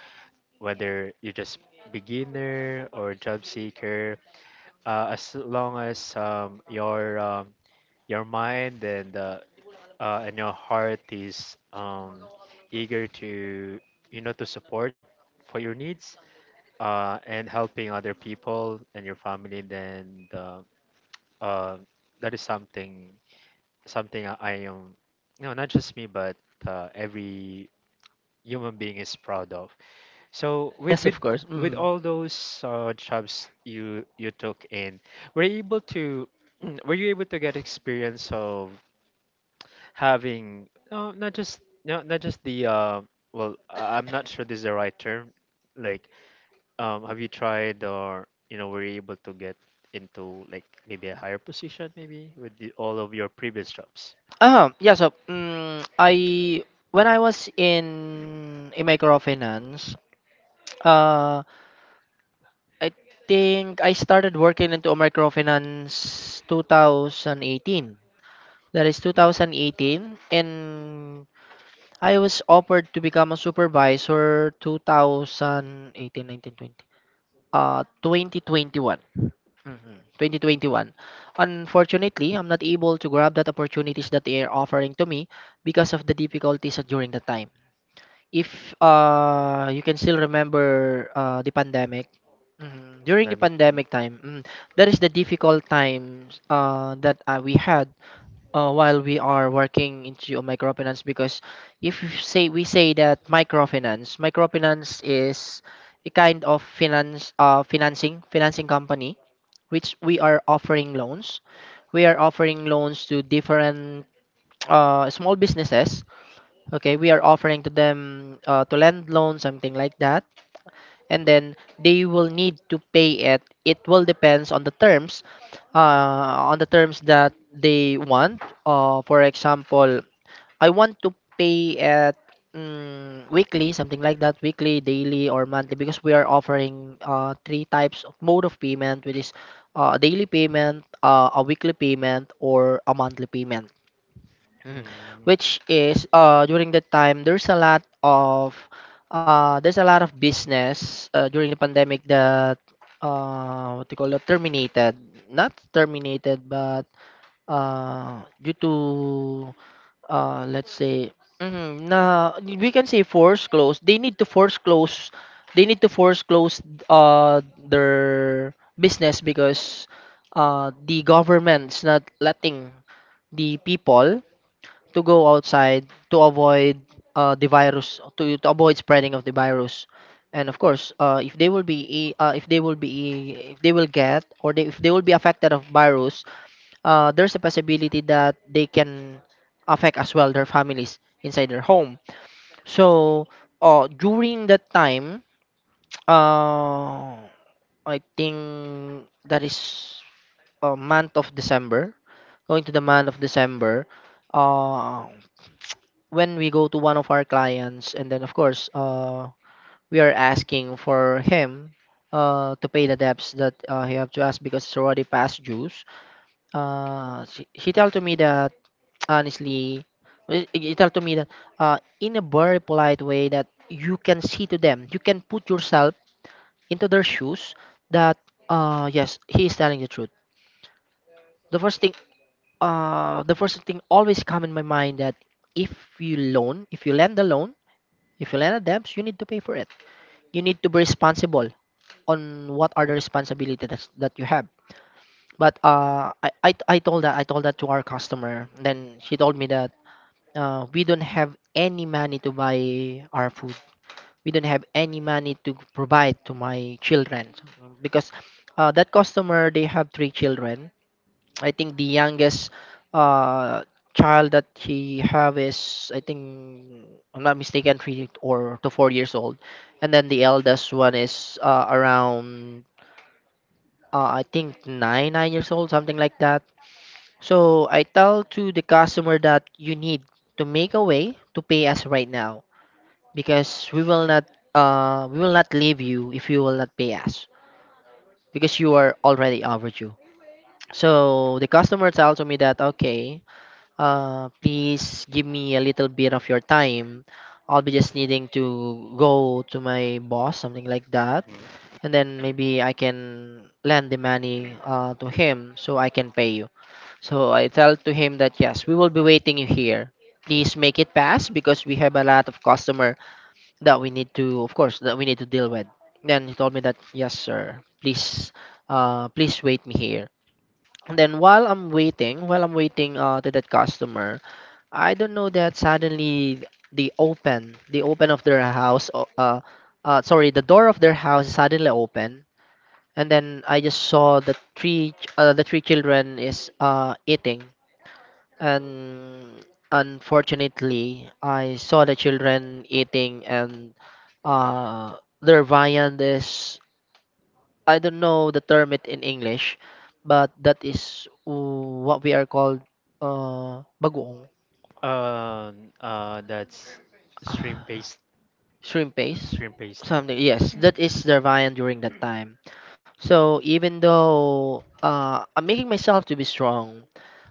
Speaker 3: whether you're just beginner or job seeker. As long as your mind and your heart is eager to, you know, to support for your needs and helping other people and your family, then uh, that is something, I, am, you know, not just me, but every human being is proud of. So with
Speaker 1: Yes,
Speaker 3: with
Speaker 1: of course.
Speaker 3: with
Speaker 1: Mm.
Speaker 3: all those jobs you took in, were you able to were you able to get experience of having not just not just the well, I'm not sure this is the right term, like, have you tried, or, you know, were you able to get into like maybe a higher position maybe with the, all of your previous jobs?
Speaker 1: Ah yeah, so mm, I when I was in e microfinance, uh I think I started working into a microfinance 2018. That is 2018. And I was offered to become a supervisor 2018, 19, 20. 2021. Mhm, 2021. Unfortunately, I'm not able to grab that opportunities that they are offering to me because of the difficulties during the time. If you can still remember the pandemic, mhm, during
Speaker 3: That
Speaker 1: the
Speaker 3: make-
Speaker 1: pandemic time, mhm, that is the difficult times that we had while we are working into microfinance. Because if you say, we say that microfinance is a kind of finance financing company which we are offering loans, to different small businesses. Okay, we are offering to them to lend loans, something like that, and then they will need to pay it. It will depends on the terms, on the terms that they want. For example, I want to pay at mm, weekly, something like that, weekly, daily, or monthly, because we are offering three types of mode of payment, which is a daily payment, a weekly payment, or a monthly payment. Mhm.
Speaker 3: mm, mm,
Speaker 1: Which is during that time, there's a lot of business during the pandemic that what do you call it, terminated, not terminated, but due to let's say mhm, na we can say force close, they need to force close they need to force close their business, because the government's not letting the people to go outside to avoid the virus, to avoid spreading of the virus. And of course if they will be if they will be if they will get, if they will be affected of virus, there's a possibility that they can affect as well their families inside their home. So during that time, uh, I think that is month of December, going to the month of December, uh, when we go to one of our clients, and then of course we are asking for him to pay the debts that he have to ask because it's already past dues. He told to me that honestly. Well, you tell to me that in a very polite way that you can see to them, you can put yourself into their shoes, that yes, he is telling the truth. The first thing uh the first thing always come in my mind that if you loan, if you lend a loan, if you lend a debt, you need to pay for it. You need to be responsible on what are the responsibilities that you have. But I told that, I told that to our customer. Then she told me that we don't have any money to buy our food. We don't have any money to provide to my children. So because that customer, they have three children. I think the youngest uh, child that he have is, I think I'm not mistaken, three or to 4 years old. And then the eldest one is around I think nine, nine years old, something like that. So I tell to the customer that you need to make a way to pay us right now, because we will not, we will not leave you if you will not pay us, because you are already overdue. So the customer tells me that, okay, please give me a little bit of your time. I'll be just needing to go to my boss, something like that,
Speaker 3: mm.
Speaker 1: and then maybe I can lend the money to him so I can pay you. So I tell to him that yes, we will be waiting you here. Please make it fast because we have a lot of customer that we need to, of course, that we need to deal with. Then he told me that yes sir, please, please wait me here. And then while I'm waiting, while I'm waiting to that customer, I don't know that suddenly the open, the open of their house sorry, the door of their house is suddenly open. And then I just saw the three the three children is eating. And unfortunately, I saw the children eating, and uh, their viand is, I don't know the term it in English, but that is what we are called bagoong,
Speaker 3: That's stream based.
Speaker 1: shrimp paste.
Speaker 3: stream based mm,
Speaker 1: Something, yes, that is their viand during that time. So even though I'm making myself to be strong,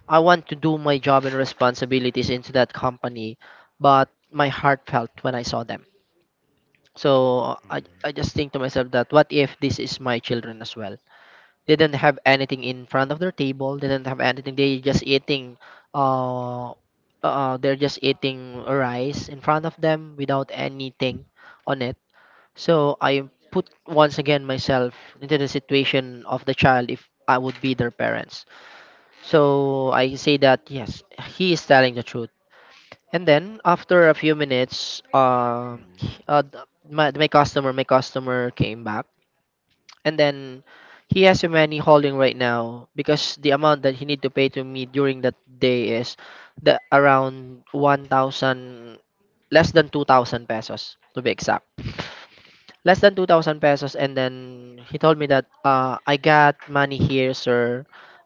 Speaker 1: I want to do my job and responsibilities into that company, but my heart felt when I saw them. So I just think to myself that what if this is my children as well? They didn't have anything in front of their table. They didn't have anything. They just eating, uh, they're just eating rice in front of them without anything on it. So I put once again myself into the situation of the child, if I would be their parents. So I say that yes, he is telling the truth. And then after a few minutes,
Speaker 3: mm,
Speaker 1: my customer came back. And then he has a money holding right now, because the amount that he need to pay to me during that day is the around 1,000, less than 2,000 pesos to be exact. Less than 2000 pesos. And then he told me that, I got money here, sir.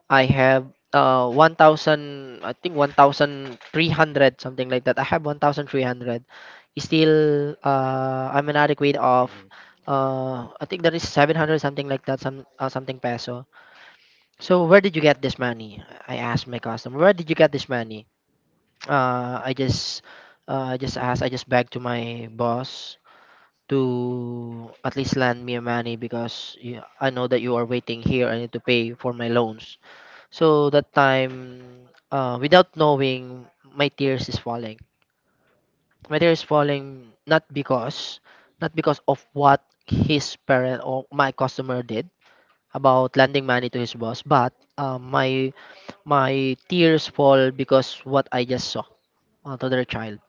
Speaker 1: I have 1000, I think 1300, something like that. I have 1300. Still, I'm inadequate of,
Speaker 3: mm,
Speaker 1: I think that is 700, something like that. Some something peso. So where did you get this money? I asked my customer, where did you get this money? uh I just I just asked, I just begged to my boss to at least lend me money because you, I know that you are waiting here. I need to pay for my loans. So that time, without knowing, my tears is falling. My tears falling, not because, not because of what his parent or my customer did about lending money to his boss, but my, my tears fall because what I just saw, to another child.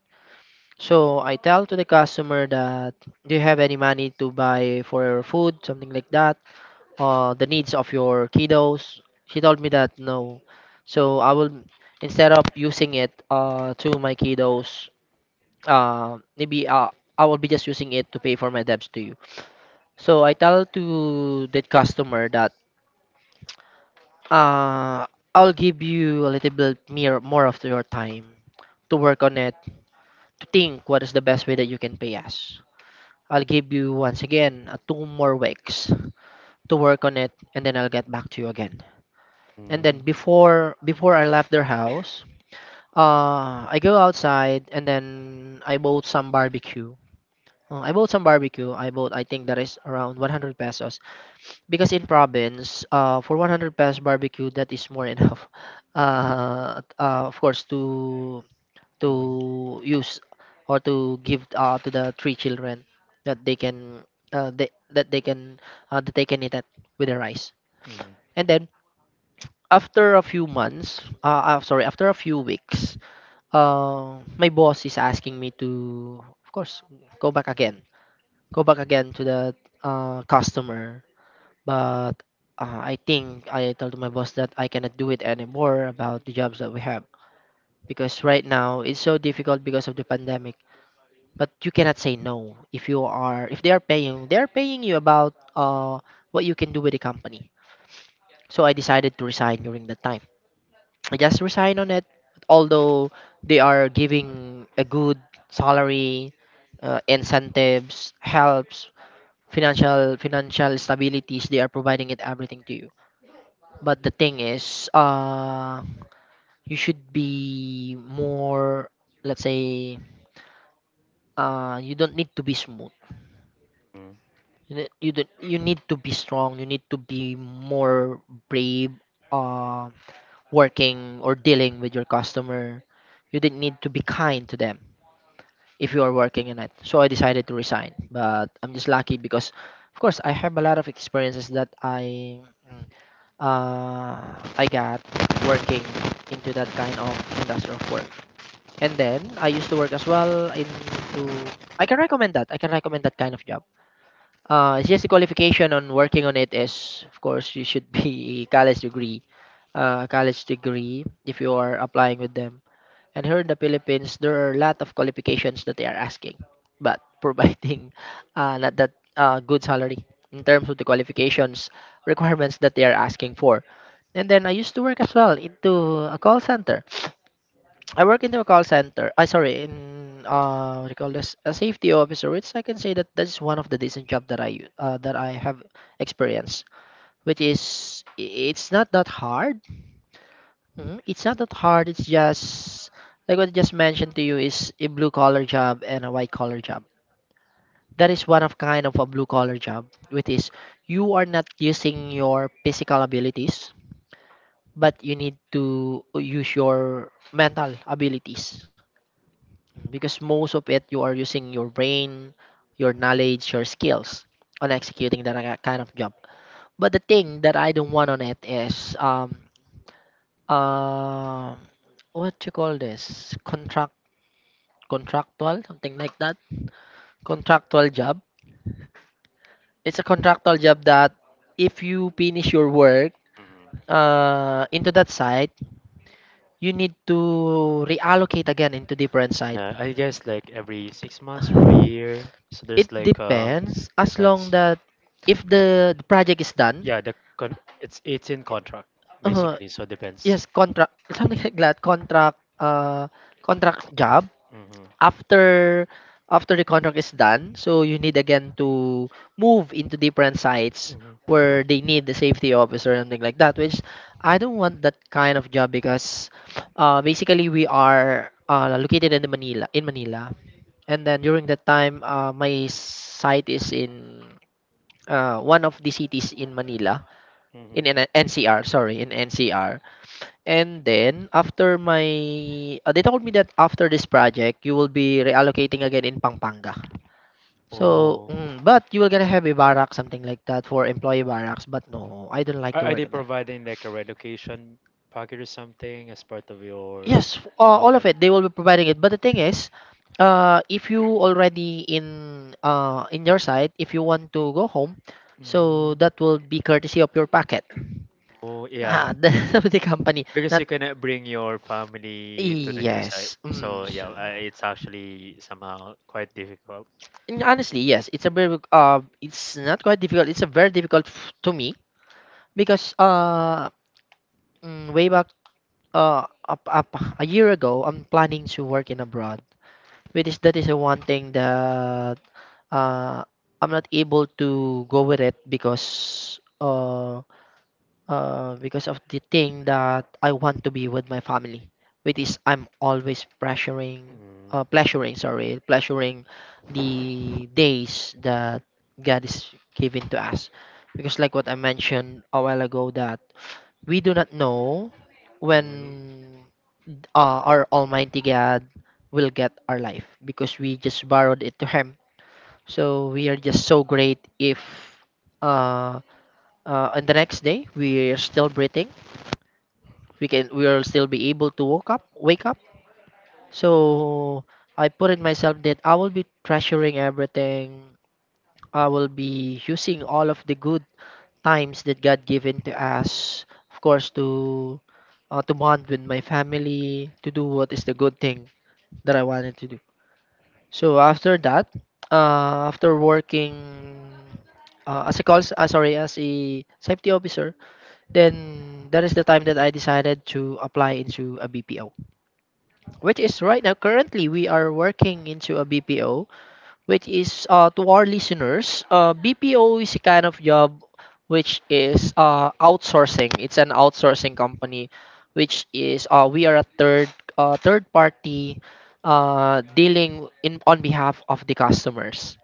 Speaker 1: So I tell to the customer that, do you have any money to buy for food, something like that, the needs of your kiddos. She told me that no. So I will, instead of using it to my kiddos, maybe I will be just using it to pay for my debts to you. So I tell to that customer that uh, I'll give you a little bit more of your time to work on it, to think what is the best way that you can pay us. I'll give you once again, two more weeks to work on it, and then I'll get back to you again. And then
Speaker 3: and mm.
Speaker 1: before I left their house, I go outside and then I bought some barbecue. I bought some barbecue. I bought, I think that is around 100 pesos, because in province, for 100 pesos barbecue that is more enough. Of course,
Speaker 3: Mhm.
Speaker 1: to use or to give to the three children, that they can, that they can, that they can eat that with their rice.
Speaker 3: mhm,
Speaker 1: And then after a few months, sorry, after a few weeks, my boss is asking me to, of course, go back again, go back again to the customer. But I think I told my boss that I cannot do it anymore about the jobs that we have, because right now it's so difficult because of the pandemic. But you cannot say no if you are, if they are paying, they are paying you about what you can do with the company. So I decided to resign during that time. I just resigned on it. Although they are giving a good salary, incentives, helps, financial stabilities, they are providing it everything to you. But the thing is, you should be more, let's say, you don't need to be smooth.
Speaker 3: mhm,
Speaker 1: You ne- you don't, You need to be strong. You need to be more brave. Uh, Working or dealing with your customer, you didn't need to be kind to them if you are working in it. So I decided to resign. But I'm just lucky because, of course, I have a lot of experiences that I, uh, I got working into that kind of industrial work. And then I used to work as well into. I can recommend that. I can recommend that kind of job. It's just the qualification on working on it is, of course, you should be a college degree. College degree if you are applying with them. And here in the Philippines, there are a lot of qualifications that they are asking, but providing not that good salary in terms of the qualifications requirements that they are asking for. And then I used to work as well into a call center. I work into a call center. I sorry, in what do you call this? A safety officer. Which I can say that that is one of the decent job that I have experienced. Which is it's not that hard. Mhm. It's not that hard. It's just like what I just mentioned to you is a blue collar job and a white collar job. That is one of kind of a blue collar job, which is you are not using your physical abilities, but you need to use your mental abilities, because most of it you are using your brain, your knowledge, your skills on executing that kind of job. But the thing that I don't want on it is uh, what you call this, contract, contractual, something like that, contractual job. It's a contractual job that if you finish your work
Speaker 3: mhm.
Speaker 1: into that site, you need to reallocate again into different site.
Speaker 3: Yeah, I guess like every 6 months or a year. So there's
Speaker 1: It
Speaker 3: like,
Speaker 1: depends as long
Speaker 3: depends.
Speaker 1: that if the project is done.
Speaker 3: Yeah, the con it's in contract
Speaker 1: Uh,
Speaker 3: basically, so depends.
Speaker 1: yes, contract, something like that. Contract job.
Speaker 3: Mm-hmm,
Speaker 1: After, after the contract is done, so you need again to move into different sites
Speaker 3: mm-hmm,
Speaker 1: where they need the safety officer and things like that. Which I don't want that kind of job because, basically we are located in the Manila, in Manila. And then during that time, my site is in one of the cities in Manila, in
Speaker 3: mm-hmm.
Speaker 1: NCR. Sorry, in NCR. And then after my ah, they told me that after this project, you will be reallocating again in Pampanga. So,
Speaker 3: Oh,
Speaker 1: mm, but you will gonna have a barrack, something like that, for employee barracks. But no, I don't like
Speaker 3: Are,
Speaker 1: to
Speaker 3: are they
Speaker 1: work in there.
Speaker 3: providing like a relocation package or something as part of your?
Speaker 1: Yes, all
Speaker 3: Okay.
Speaker 1: of it. They will be providing it. But the thing is, if you already in your site, if you want to go home, so
Speaker 3: Mm.
Speaker 1: that will be courtesy of your packet.
Speaker 3: Oh yeah,
Speaker 1: Ah, the with the company.
Speaker 3: because
Speaker 1: Not
Speaker 3: you cannot bring your family to the new site,
Speaker 1: yes. Mm.
Speaker 3: so
Speaker 1: s-
Speaker 3: yeah, it's actually somehow quite difficult.
Speaker 1: And honestly, yes, it's a very it's not quite difficult. It's a very difficult to me because way back up a year ago, I'm planning to work in abroad, which is that is the one thing that uh, I'm not able to go with it because of the thing that I want to be with my family, which is I'm always pressuring,
Speaker 3: Mm.
Speaker 1: pleasuring, sorry, pleasuring the days that God is giving to us. Because, like what I mentioned a while ago, that we do not know
Speaker 3: Mm.
Speaker 1: when our Almighty God will get our life because we just borrowed it to Him. So we are just so great if uh, on the next day we are still breathing we can we will still be able to wake up so I put in myself that I will be treasuring everything. I will be using all of the good times that God given to us, of course to bond with my family, to do what is the good thing that I wanted to do. So after that, after working as a call s- sorry as a safety officer, then that is the time that I decided to apply into a BPO, which is right now currently we are working into a BPO, which is, to our listeners, BPO is a kind of job which is outsourcing. It's an outsourcing company, which is we are a third party dealing in on behalf of the customers.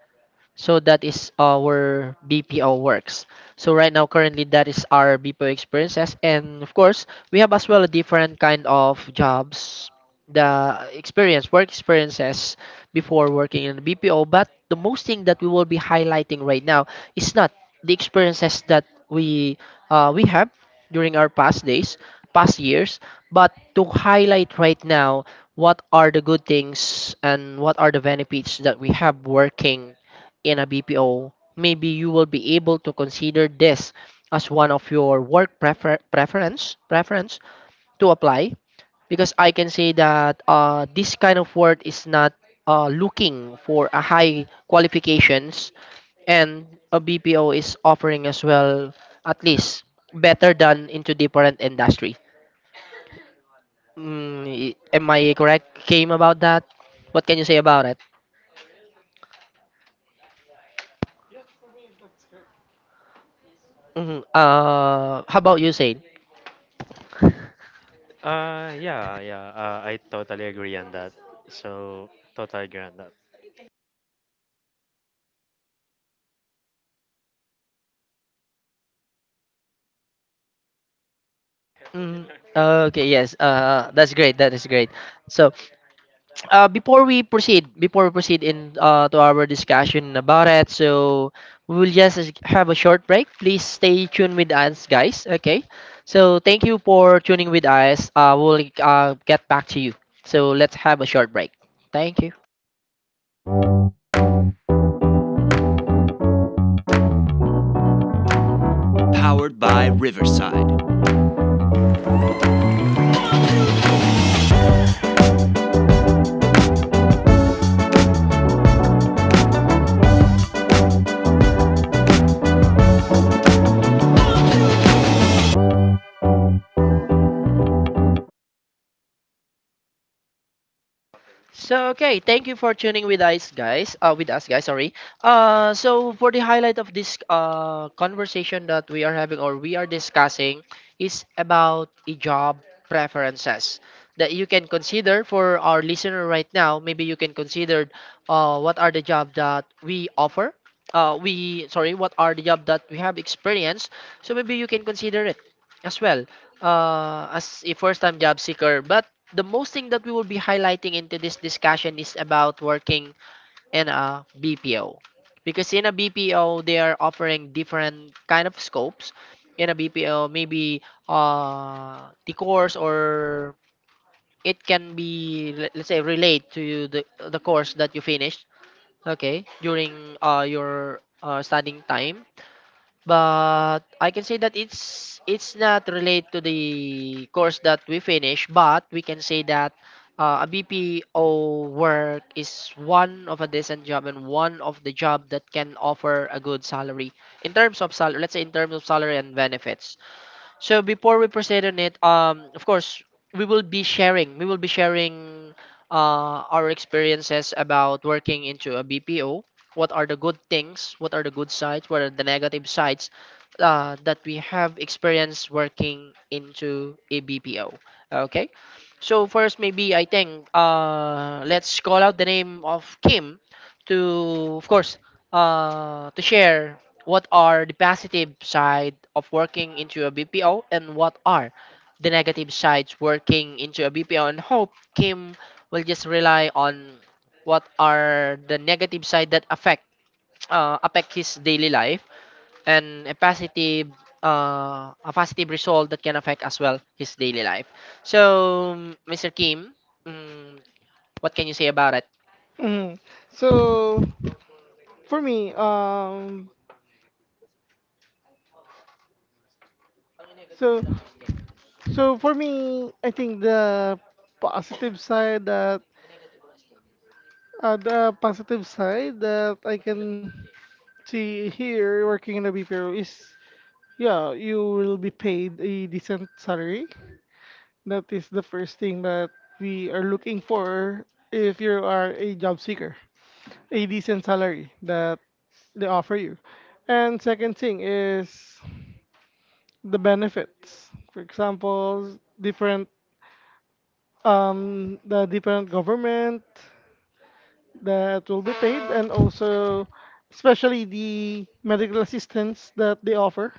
Speaker 1: So that is our BPO works. So right now, currently, that is our BPO experiences. And of course, we have as well a different kind of jobs, the experience, work experiences before working in the BPO. But the most thing that we will be highlighting right now is not the experiences that we have during our past days, past years, but to highlight right now what are the good things and what are the benefits that we have working in a BPO, maybe you will be able to consider this as one of your work preference to apply, because I can say that this kind of work is not looking for a high qualifications, and a BPO is offering as well at least better than into different industry. Mm, am I correct, Came about that? What can you say about it? Mhm. How about you, say?
Speaker 3: Yeah, yeah. I totally agree on that. So totally agree on that.
Speaker 1: Mm, okay, yes. That's great. That is great. So, before we proceed in to our discussion about it, so we will just have a short break. Please stay tuned with us, guys. Okay. So, thank you for tuning with us. We'll get back to you. So, let's have a short break. Thank you. So okay, thank you for tuning with us, guys. Sorry. So for the highlight of this conversation that we are having or we are discussing is about a job preferences that you can consider for our listener right now. Maybe you can consider what are the job that we offer. What are the job that we have experienced? So maybe you can consider it as well. As a first-time job seeker, but the most thing that we will be highlighting into this discussion is about working in a BPO, because in a BPO they are offering different kind of scopes in a BPO. Maybe the course, or it can be let's say relate to the course that you finished, okay, during your studying time. But I can say that it's not related to the course that we finish, but we can say that a BPO work is one of a decent job, and one of the job that can offer a good salary in terms of salary. Let's say in terms of salary and benefits. So before we proceed on it, of course, We will be sharing our experiences about working into a BPO. What are the good things? What are the good sides? What are the negative sides that we have experienced working into a BPO? Okay. So first, maybe I think let's call out the name of Kim to, of course, to share what are the positive side of working into a BPO and what are the negative sides working into a BPO, and hope Kim will just rely on what are the negative side that affect his daily life, and a positive result that can affect as well his daily life. So Mr. Kim, mm, what can you say about it?
Speaker 2: Mm. So for me, so for me, I think the positive side that positive side that I can see here working in the BPO is, yeah, you will be paid a decent salary. That is the first thing that we are looking for if you are a job seeker. A decent salary that they offer you. And second thing is the benefits. For example, different the different government that will be paid, and also especially the medical assistance that they offer.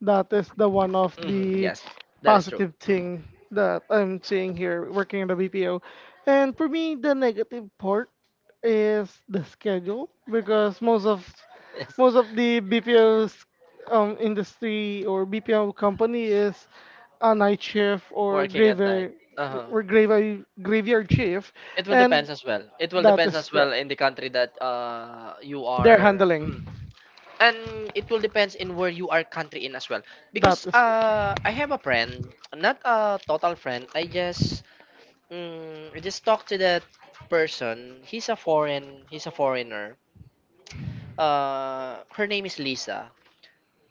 Speaker 2: That is the one of
Speaker 1: Mhm,
Speaker 2: the
Speaker 1: yes, that is true.
Speaker 2: positive thing that I'm seeing here working in the BPO. And for me, the negative part is the schedule, because most of the
Speaker 1: Yes.
Speaker 2: BPO's industry or BPO company is a night shift or
Speaker 1: Working at night. Uh-huh.
Speaker 2: graveyard graveyard shift,
Speaker 1: It will
Speaker 2: and
Speaker 1: depends as well. It will
Speaker 2: that
Speaker 1: depends
Speaker 2: is
Speaker 1: as well
Speaker 2: correct.
Speaker 1: in the country that you
Speaker 2: They're
Speaker 1: are,
Speaker 2: handling
Speaker 1: mm. And it will depends in where you are country in as well. Because I have a friend, not a total friend. I just I just talked to that person. He's a foreigner. Her name is Lisa.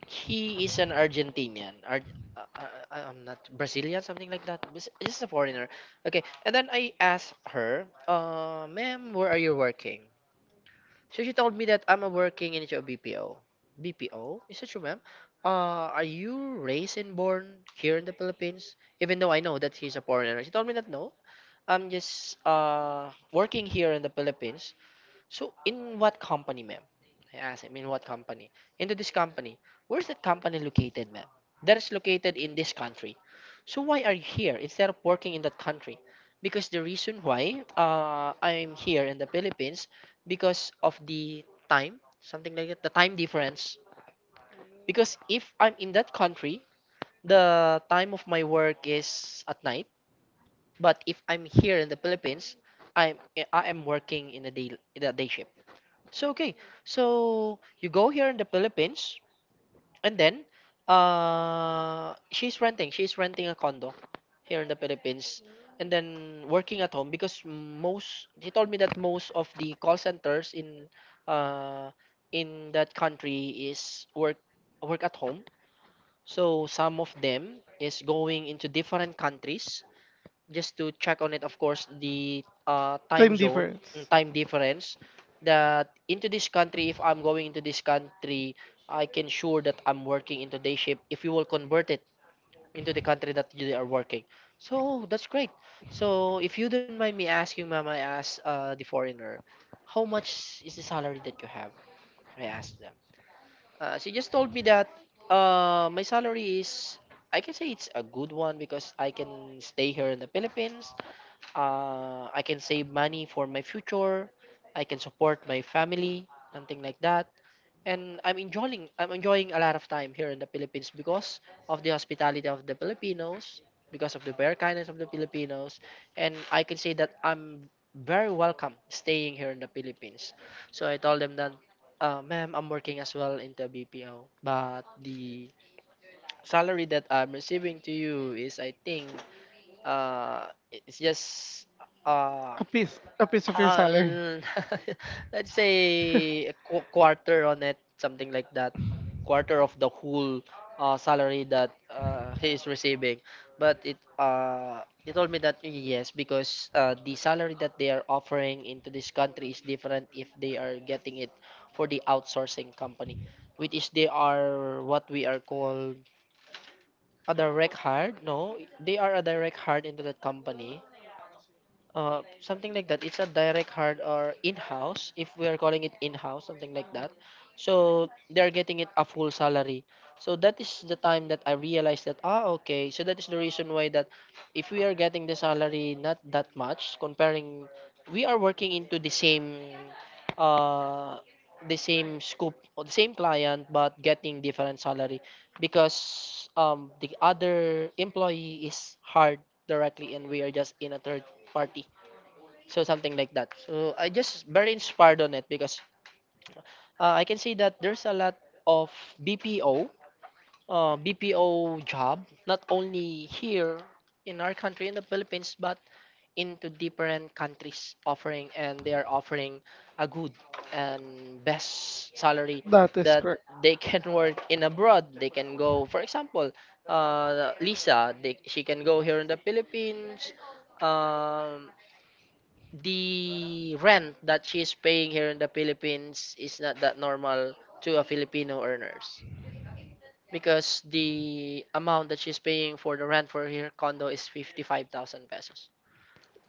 Speaker 1: He is an Argentinian. I'm not Brazilian, something like that. Just a foreigner. Okay, and then I asked her, ma'am, where are you working? So she told me that I'm working in a BPO. BPO? Is that true, ma'am? Are you raised and born here in the Philippines? Even though I know that he's a foreigner. She told me that no. I'm just working here in the Philippines, so in what company, ma'am? I asked him, in what company? Into this company. Where's that company located, ma'am? That is located in this country. So why are you here instead of working in that country? Because the reason why I'm here in the Philippines because of the time, something like that, the time difference. Because if I'm in that country, the time of my work is at night. But if I'm here in the Philippines, I'm I am working in a day shift. So okay, so you go here in the Philippines, and then She's renting a condo here in the Philippines, and then working at home because most. She told me that most of the call centers uh, in that country is work at home. So some of them is going into different countries just to check on it, of course the time
Speaker 2: time
Speaker 1: zone, mm,
Speaker 2: difference.
Speaker 1: time difference, that into this country. If I'm going into this country, I can sure that I'm working into day shift, if you will convert it into the country that you are working. So that's great. So if you don't mind me asking, ma'am, I asked the foreigner, how much is the salary that you have? I asked them. She just told me that my salary is, I can say it's a good one because I can stay here in the Philippines. I can save money for my future. I can support my family, something like that. And I'm enjoying a lot of time here in the Philippines because of the hospitality of the Filipinos, because of the bare kindness of the Filipinos, and I can say that I'm very welcome staying here in the Philippines. So I told them that, ma'am, I'm working as well in the BPO, but the salary that I'm receiving to you is, I think, it's just uh
Speaker 2: A piece, a piece.
Speaker 1: uh, let's say a quarter on it, something like that. Quarter of the whole salary that he is receiving. But it he told me that yes, because the salary that they are offering into this country is different if they are getting it for the outsourcing company, which is they are what we are called a direct hire. No, they are a direct hire into that company, something like that. It's a direct hard or in-house, if we are calling it in-house, something like that. So they're getting it a full salary. So that is the time that I realized that ah okay. So that is the reason why that if we are getting the salary not that much, comparing we are working into uh the same scope or the same client but getting different salary because the other employee is hard directly and we are just in a third party. So something like that. So I just very inspired on it because I can see that there's a lot of BPO, uh, BPO job, not only here in our country in the Philippines, but into different countries offering, and they are offering a good and best salary that
Speaker 2: Correct.
Speaker 1: they can work in abroad. They can go, for example, Lisa, she can go here in the Philippines. Um, the rent that she's paying here in the Philippines is not that normal to a Filipino earners because the amount that she's paying for the rent for her condo is 55,000 pesos.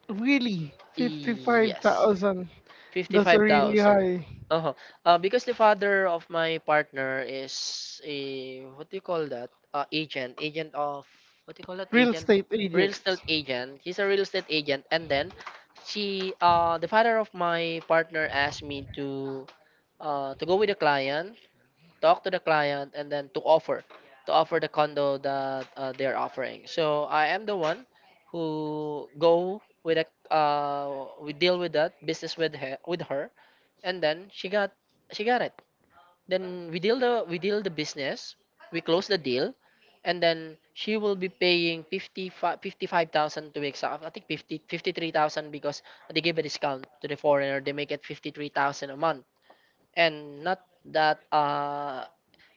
Speaker 2: Really, fifty-five
Speaker 1: Yes.
Speaker 2: thousand.
Speaker 1: 55,000.
Speaker 2: High.
Speaker 1: Uh-huh. Because the father of my partner is a what do you call that? Agent of what do you call that?
Speaker 2: Real
Speaker 1: Agent,
Speaker 2: estate
Speaker 1: real
Speaker 2: agents.
Speaker 1: estate agent. He's a real estate agent, and then the father of my partner asked me to go with a client, talk to the client, and then to offer the condo that they're offering. So I am the one who go with a we deal with that business with her, and then she got it. Then we deal the business, we close the deal, and then she will be paying fifty five thousand to exact, I think fifty three thousand, because they give a discount to the foreigner, they make it 53,000 a month, and not that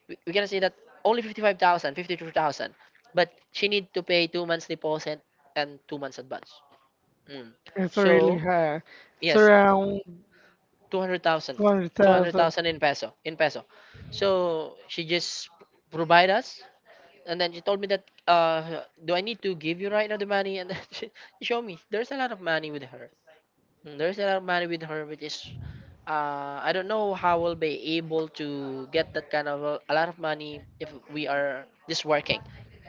Speaker 1: we gonna say that only 55,000, 52,000, but she need to pay 2 months deposit and 2 months advance. Mm.
Speaker 2: It's a really
Speaker 1: So
Speaker 2: high. It's
Speaker 1: yes,
Speaker 2: around
Speaker 1: 200,000, two hundred
Speaker 2: 200,000.
Speaker 1: thousand in peso, in peso. So she just provide us, and then she told me that do I need to give you right now the money? And then she showed me there's a lot of money with her. There's a lot of money with her, which is I don't know how we'll be able to get that kind of a lot of money if we are just working.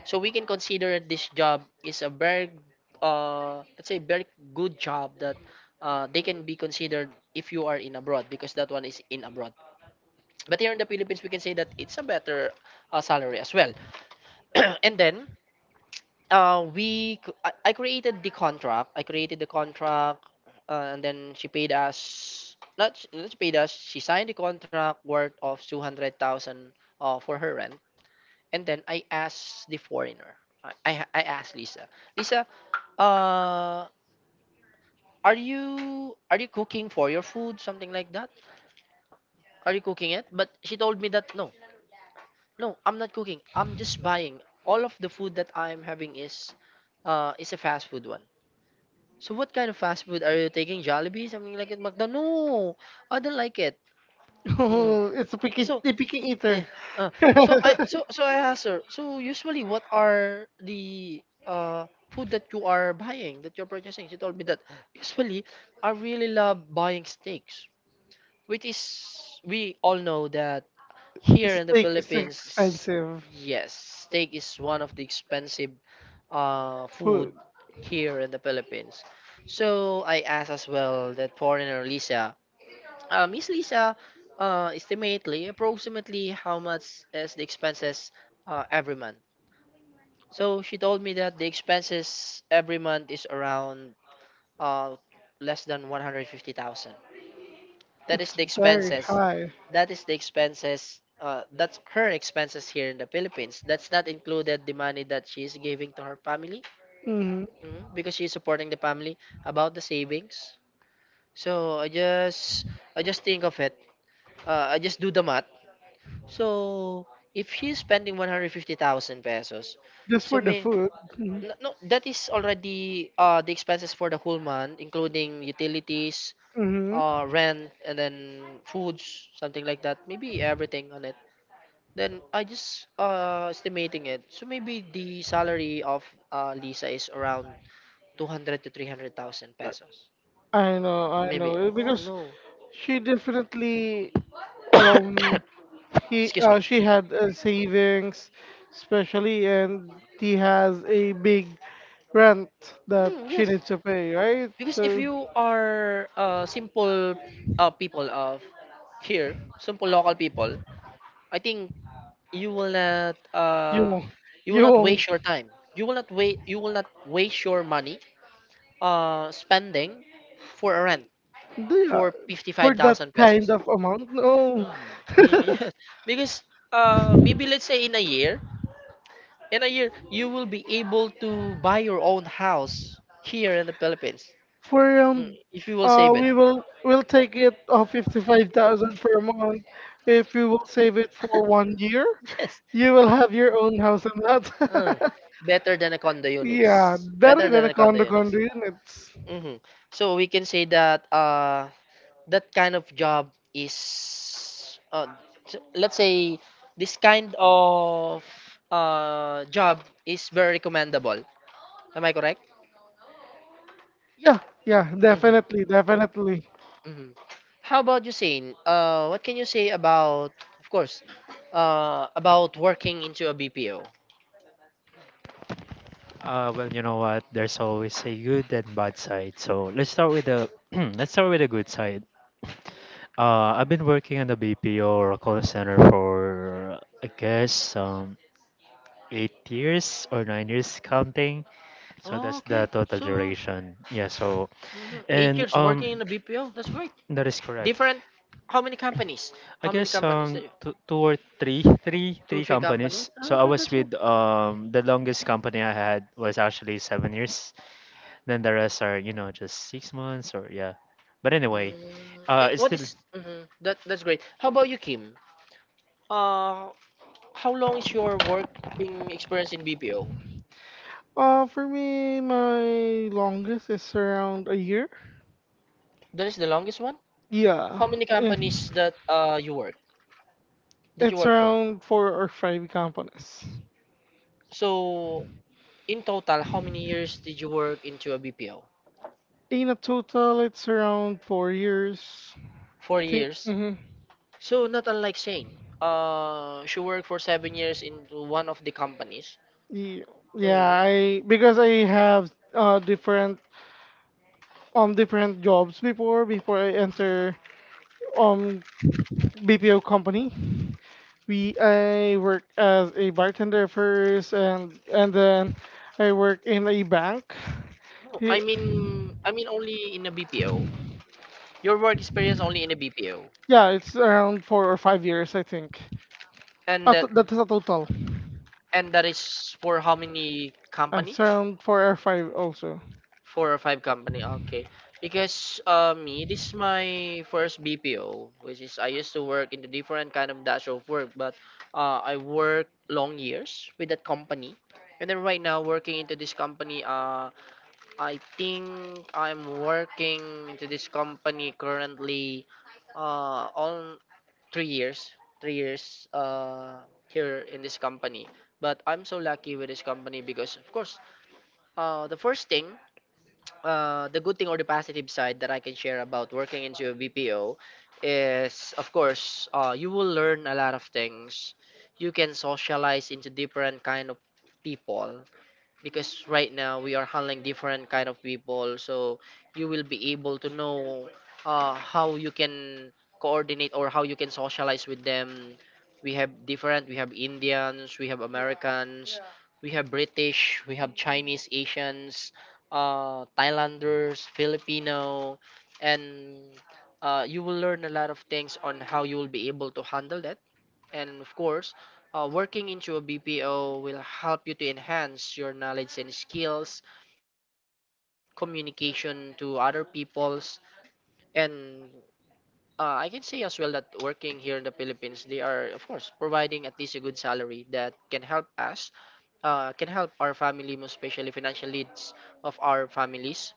Speaker 1: So we can consider this job is a very, let's say, very good job that they can be considered if you are in abroad because that one is in abroad. But here in the Philippines, we can say that it's a better salary as well. And then I created the contract. I created the contract, and then she paid us. Not she paid us. She signed the contract worth of 200,000 for her rent. And then I asked the foreigner. I asked Lisa. Lisa, uh, are you cooking for your food? Something like that. Are you cooking it? But she told me that no, no, I'm not cooking. I'm just buying. All of the food that I'm having is a fast food one. So what kind of fast food are you taking? Jollibee, something like it? McDonald's? No, I don't like it. Mm.
Speaker 2: Oh, it's
Speaker 1: So,
Speaker 2: a picky
Speaker 1: eh,
Speaker 2: eater.
Speaker 1: uh, so I so so I asked her. So usually, what are the food that you are buying that you're purchasing? She told me that usually I really love buying steaks, which is we all know that here in the
Speaker 2: Steak is
Speaker 1: Philippines,
Speaker 2: expensive.
Speaker 1: yes, steak is one of the expensive
Speaker 2: Food.
Speaker 1: food here in the Philippines. So I asked as well that foreigner Lisa, Miss Lisa, estimately approximately how much is the expenses every month? So she told me that the expenses every month is around uh, less than 150,000. That is
Speaker 2: It's
Speaker 1: the
Speaker 2: very
Speaker 1: expenses.
Speaker 2: high.
Speaker 1: That is the expenses. That's her expenses here in the Philippines. That's not included the money that she is giving to her family.
Speaker 2: Hmm.
Speaker 1: Hmm. Because she's supporting the family about the savings. So I just think of it. I just do the math. So if she's spending 150,000 pesos,
Speaker 2: Just
Speaker 1: so
Speaker 2: for the
Speaker 1: may
Speaker 2: food. Mhm.
Speaker 1: no, no, that is already the expenses for the whole month, including utilities,
Speaker 2: Mhm.
Speaker 1: rent, and then foods, something like that. Maybe everything on it. Then I just estimating it. So maybe the salary of Lisa is around 200 to 300,000 pesos.
Speaker 2: I know, I know.
Speaker 1: Maybe. Oh
Speaker 2: Because
Speaker 1: no.
Speaker 2: she definitely um he
Speaker 1: Excuse me.
Speaker 2: she had savings especially, and he has a big rent that
Speaker 1: Mm,
Speaker 2: she
Speaker 1: yes.
Speaker 2: needs to pay, right?
Speaker 1: Because
Speaker 2: So
Speaker 1: if you are simple people of here, simple local people, I think you will not
Speaker 2: you
Speaker 1: uh,
Speaker 2: won't
Speaker 1: Mm. You will
Speaker 2: you
Speaker 1: not
Speaker 2: won't.
Speaker 1: waste your time. You will not wait. You will not waste your money spending for a rent
Speaker 2: Yeah,
Speaker 1: for
Speaker 2: for that
Speaker 1: 55,000
Speaker 2: kind
Speaker 1: pesos.
Speaker 2: of amount. No.
Speaker 1: Mm, yeah. Because maybe let's say in a year, you will be able to buy your own house here in the Philippines.
Speaker 2: For
Speaker 1: Mm, if you will save it.
Speaker 2: we will take it 55,000 per month. If you will save it for 1 year,
Speaker 1: Yes.
Speaker 2: you will have your own house and
Speaker 1: Uh,
Speaker 2: lot.
Speaker 1: Better than a condo
Speaker 2: Yeah,
Speaker 1: units.
Speaker 2: better
Speaker 1: Better
Speaker 2: than
Speaker 1: than
Speaker 2: a
Speaker 1: a condo units.
Speaker 2: condo units.
Speaker 1: Hmm. So we can say that that kind of job is let's say this kind of job is very recommendable. Am I correct?
Speaker 2: Yeah, yeah, definitely,
Speaker 1: Hmm.
Speaker 2: definitely.
Speaker 1: Hmm. How about you, Shane? What can you say about of course about working into a BPO?
Speaker 3: Well, you know what? There's always a good and bad side. So let's start with the let's start with the good side. I've been working in the BPO or a call center for I guess 8 years or 9 years counting. So
Speaker 1: Oh,
Speaker 3: that's the
Speaker 1: okay,
Speaker 3: total
Speaker 1: so
Speaker 3: duration. Yeah. So
Speaker 1: mhm, eight
Speaker 3: and
Speaker 1: years working in a BPO, that's great.
Speaker 3: that is correct.
Speaker 1: Different. How many companies?
Speaker 3: I
Speaker 1: How many
Speaker 3: guess
Speaker 1: companies that you
Speaker 3: two, two or three
Speaker 1: two
Speaker 3: three
Speaker 1: three companies.
Speaker 3: companies. So I
Speaker 1: Okay,
Speaker 3: was
Speaker 1: that's
Speaker 3: with the longest company I had was actually 7 years. Then the rest are, you know, just 6 months or yeah. But anyway,
Speaker 1: Mm.
Speaker 3: it's
Speaker 1: What
Speaker 3: still.
Speaker 1: is that? That's great. How about you, Kim? Uh, how long is your working experience in BPO?
Speaker 2: For me, my longest is around a year.
Speaker 1: That is the longest one. How
Speaker 2: Yeah.
Speaker 1: many
Speaker 2: It's
Speaker 1: companies that you work that you
Speaker 2: it's
Speaker 1: work for?
Speaker 2: around four or five companies.
Speaker 1: So in total, how many years did you work into a BPO?
Speaker 2: In a total, it's around 4 years.
Speaker 1: Four
Speaker 2: Think years.
Speaker 1: years.
Speaker 2: Mhm,
Speaker 1: So not unlike Shane. She worked for 7 years in one of the companies.
Speaker 2: ye- Yeah,
Speaker 1: Mm.
Speaker 2: I because I have different different jobs before I enter um BPO company. We I work as a bartender first, and then I work in a bank.
Speaker 1: I
Speaker 2: Ye-
Speaker 1: mean, I mean,
Speaker 2: B
Speaker 1: only in a
Speaker 2: P O,
Speaker 1: BPO. Your work experience only in a BPO,
Speaker 2: yeah, it's around 4 or 5 years I think.
Speaker 1: and that
Speaker 2: That is a total.
Speaker 1: and that is for how many company?
Speaker 2: It's around four or five also.
Speaker 1: Four or five company. Okay, because me, this is my first BPO, which is I used to work in a different kind of dash of work, but I worked long years with that company, and then right now working into this company. I think I'm working into this company currently on three years, three years here in this company. But I'm so lucky with this company because, of course, the first thing, the good thing or the positive side that I can share about working into a BPO is, of course, you will learn a lot of things. You can socialize into different kind of people because right now we are handling different kind of people, so you will be able to know how you can coordinate or how you can socialize with them. We have different, we have Indians, we have Americans, we have British, we have Chinese, Asians, Thailanders, Filipino, and you will learn a lot of things on how you will be able to handle that. And of course, working into a BPO will help you to enhance your knowledge and skills, communication to other peoples, and I can say as well that working here in the Philippines, they are of course providing at least a good salary that can help us, can help our family, most especially financial needs of our families.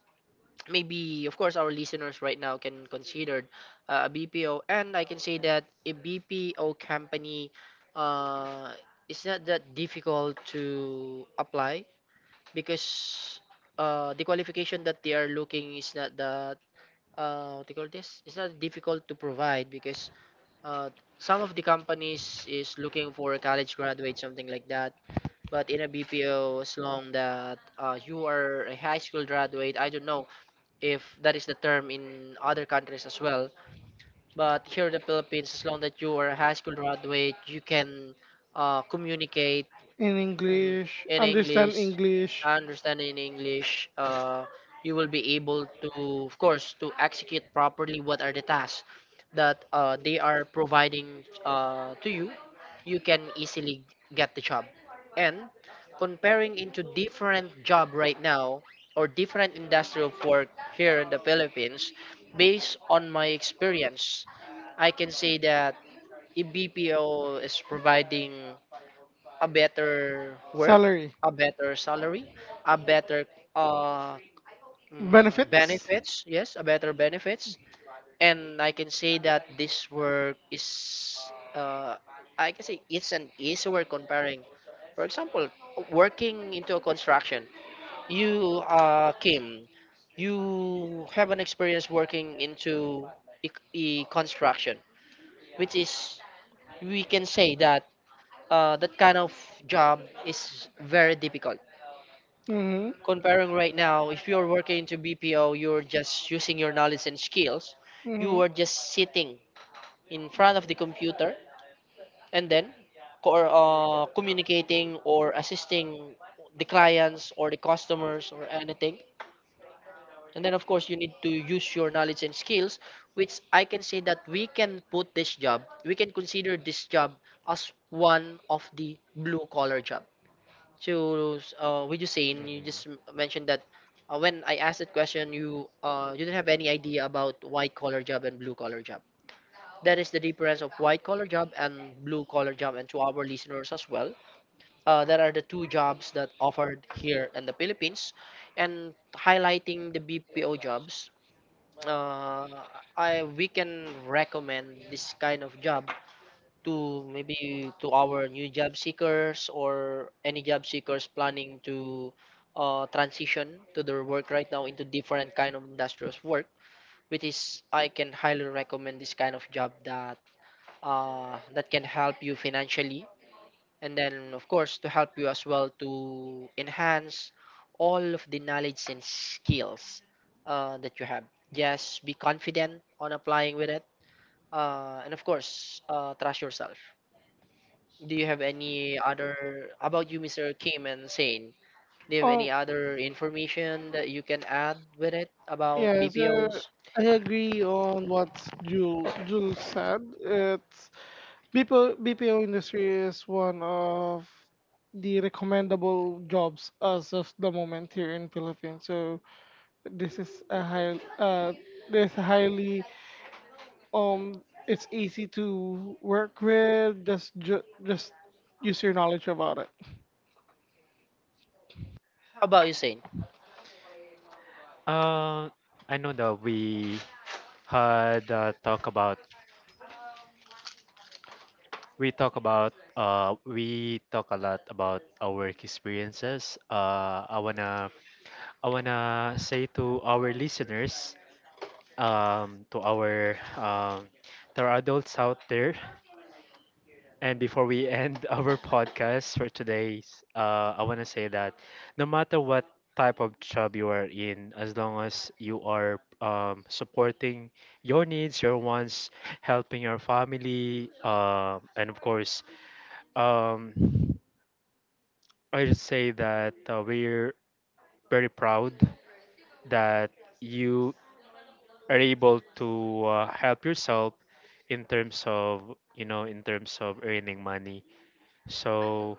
Speaker 1: Maybe of course our listeners right now can consider a BPO, and I can say that a BPO company uh, is not that difficult to apply because the qualification that they are looking is not that what do you call this, it's not difficult to provide because uh, some of the companies is looking for a college graduate, something like that, but in a BPO, as long that you are a high school graduate. I don't know if that is the term in other countries as well. But here in the Philippines, as long that you are a high school graduate, you can communicate.
Speaker 2: In
Speaker 1: Mhm.
Speaker 2: English,
Speaker 1: In
Speaker 2: understand
Speaker 1: English,
Speaker 2: English.
Speaker 1: understanding in English, you will be able to, of course, to execute properly what are the tasks that they are providing to you. You can easily get the job. And comparing into different job right now or different industry of work here in the Philippines, based on my experience, I can say that a BPO is providing a better work,
Speaker 2: Salary,
Speaker 1: a better salary, a better uh,
Speaker 2: benefits.
Speaker 1: benefits. Yes, a better benefits. And I can say that this work is, uh, I can say it's an easy work comparing. For example, working into a construction. You, Kim, you have an experience working into construction, which is we can say that that kind of job is very difficult.
Speaker 2: Mm-hmm,
Speaker 1: Comparing right now, if you're working to BPO, you're just using your knowledge and skills. You
Speaker 2: mm-hmm.
Speaker 1: are just sitting in front of the computer and then communicating or assisting the clients or the customers or anything. And then, of course, you need to use your knowledge and skills, which I can say that we can consider this job as one of the blue collar job to, with Hussein, you
Speaker 3: Mhm.
Speaker 1: just mentioned that when I asked that question, you didn't have any idea about white collar job and blue collar job. That is the difference of white collar job and blue collar job, and to our listeners as well, that are the two jobs that offered here in the Philippines, and highlighting the BPO jobs. Uh, I We can recommend this kind of job to, maybe to our new job seekers or any job seekers planning to, transition to their work right now into different kind of industrious work, which is I can highly recommend this kind of job that, that can help you financially, and then of course to help you as well to enhance all of the knowledge and skills that you have. Just be confident on applying with it, and of course, trust yourself. Do you have any other about you, Mr. Kim and Sane? Do you have
Speaker 2: Oh,
Speaker 1: any other information that you can add with it about
Speaker 2: yes,
Speaker 1: BPOs?
Speaker 2: I agree on what Jul said. It's BPO industry is one of the recommendable jobs as of the moment here in Philippines. So this is a high, this highly um, it's easy to work with. Just use your knowledge about it.
Speaker 1: How about you, Sane?
Speaker 3: Uh, I know that we had talk about, we talk a lot about our work experiences. I wanna say to our listeners, to our there are adults out there. And before we end our podcast for today's, I want to say that no matter what type of job you are in, as long as you are, supporting your needs, your wants, helping your family, and of course, um, I'd say that we're very proud that you are able to help yourself in terms of, you know, in terms of earning money. So,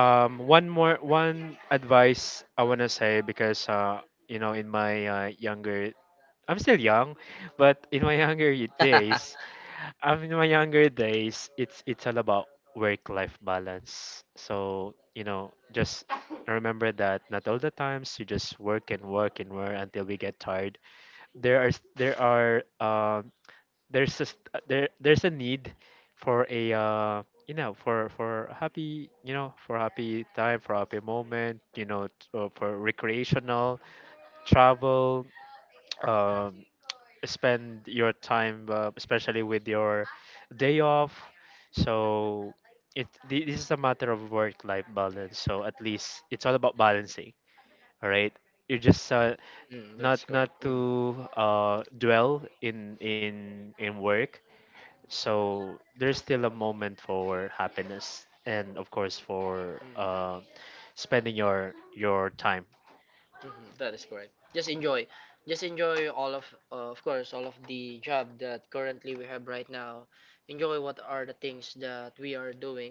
Speaker 3: one advice I wanna say, because you know, in my I'm still young, but in my younger days, in my younger days, it's all about work-life balance. So, you know, just remember that not all the times you just work and work and work until we get tired. There are s- there are there's a there's a need for a, you know, for happy, you know, for happy time, for happy moment, you know, for recreational travel, um spend your time, especially with your day off. So this is a matter of work life balance, so at least it's all about balancing, all right? you just
Speaker 1: Mm,
Speaker 3: not
Speaker 1: th-
Speaker 3: to dwell in in work, so there's still a moment for happiness and of course
Speaker 1: mm,
Speaker 3: for
Speaker 1: mhm,
Speaker 3: spending your time.
Speaker 1: that is correct. Just enjoy all of course, all of the job that currently we have right now. Enjoy what are the things that we are doing.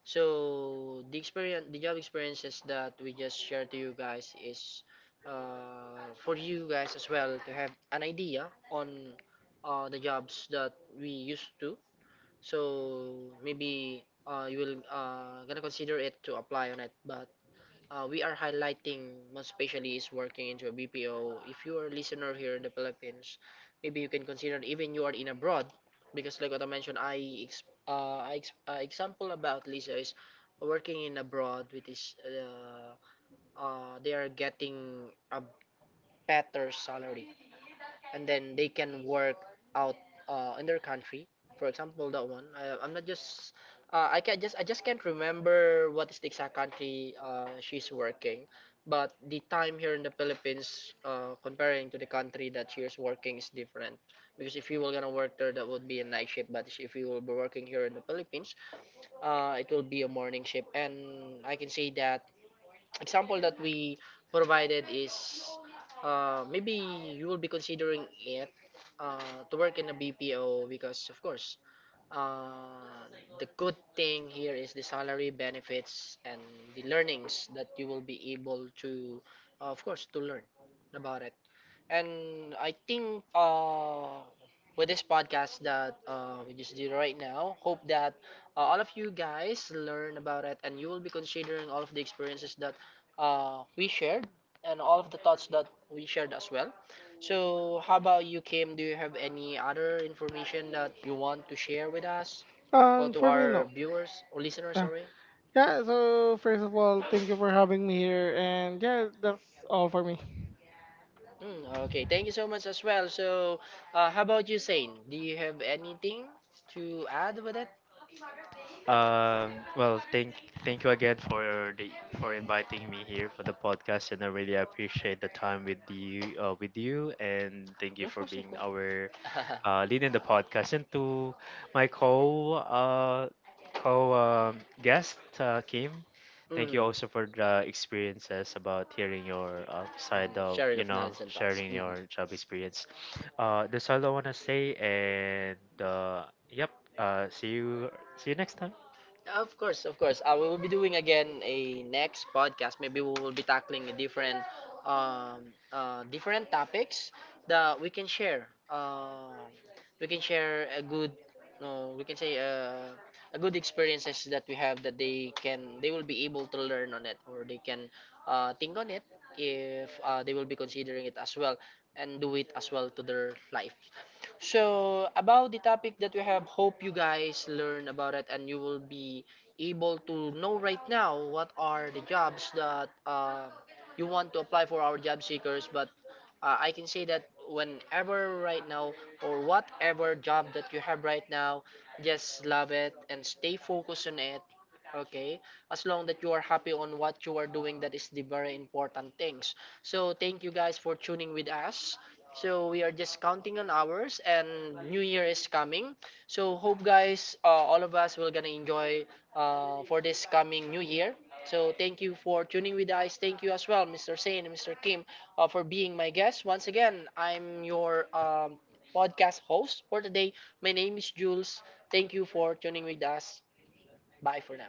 Speaker 1: So the experience, the job experiences that we just share to you guys is, for you guys as well to have an idea on, the jobs that we used to. So maybe, you will, gonna consider it to apply on it, but, we are highlighting, most especially is working into a BPO. If you are a listener here in the Philippines, maybe you can consider even you are in abroad, because like what I mentioned, example about Lisa is working in abroad, which is, they are getting a better salary, and then they can work out, in their country. For example, that one. I, I'm not just. I can just I just can't remember what is the exact country she's working, but the time here in the Philippines, comparing to the country that she's working is different. Because if you were gonna work there, that would be a night shift. But if you will be working here in the Philippines, it will be a morning shift. And I can say that example that we provided is, maybe you will be considering it, to work in a BPO because of course, uh, the good thing here is the salary benefits and the learnings that you will be able to, of course to learn about it. And I think, with this podcast that, we just did right now, hope that, all of you guys learn about it, and you will be considering all of the experiences that, we shared, and all of the thoughts that we shared as well. So, how about you, Kim? Do you have any other information that you want to share with us or to
Speaker 2: For me,
Speaker 1: our
Speaker 2: no.
Speaker 1: viewers or listeners?
Speaker 2: Uh,
Speaker 1: Sorry.
Speaker 2: yeah. So first of all, thank you for having me here, and yeah, that's all for me.
Speaker 1: Mm, okay, thank you so much as well. So, how about you, Sain? Do you have anything to add with it?
Speaker 3: Well, thank you again for the for inviting me here for the podcast, and I really appreciate the time with you, and thank you
Speaker 1: Of
Speaker 3: for
Speaker 1: course, of course.
Speaker 3: being our leading the podcast, and to my co guest Kim. Thank you also for the experiences about hearing your side of,
Speaker 1: Sharing
Speaker 3: you
Speaker 1: of knowledge
Speaker 3: know,
Speaker 1: and thoughts.
Speaker 3: sharing
Speaker 1: Hmm.
Speaker 3: your job experience. That's all I wanna say, and yep. Uh, see you see you next time.
Speaker 1: Of course, of course. We will be doing again a next podcast. Maybe we will be tackling a different, different topics that we can share. We can share a good, no, we can say, a good experiences that we have that they will be able to learn on it, or they can, think on it if, they will be considering it as well, and do it as well to their life. So, about the topic that we have, hope you guys learn about it and you will be able to know right now what are the jobs that, you want to apply for our job seekers. But, I can say that whenever right now or whatever job that you have right now, just love it and stay focused on it. Okay, as long that you are happy on what you are doing, that is the very important things. So, thank you guys for tuning with us. So we are just counting on hours and New Year is coming. So hope guys, all of us will gonna enjoy, for this coming New Year. So thank you for tuning with us. Thank you as well, Mr. Sain and Mr. Kim, for being my guest. Once again, I'm your podcast host for today. My name is Jules. Thank you for tuning with us. Bye for now.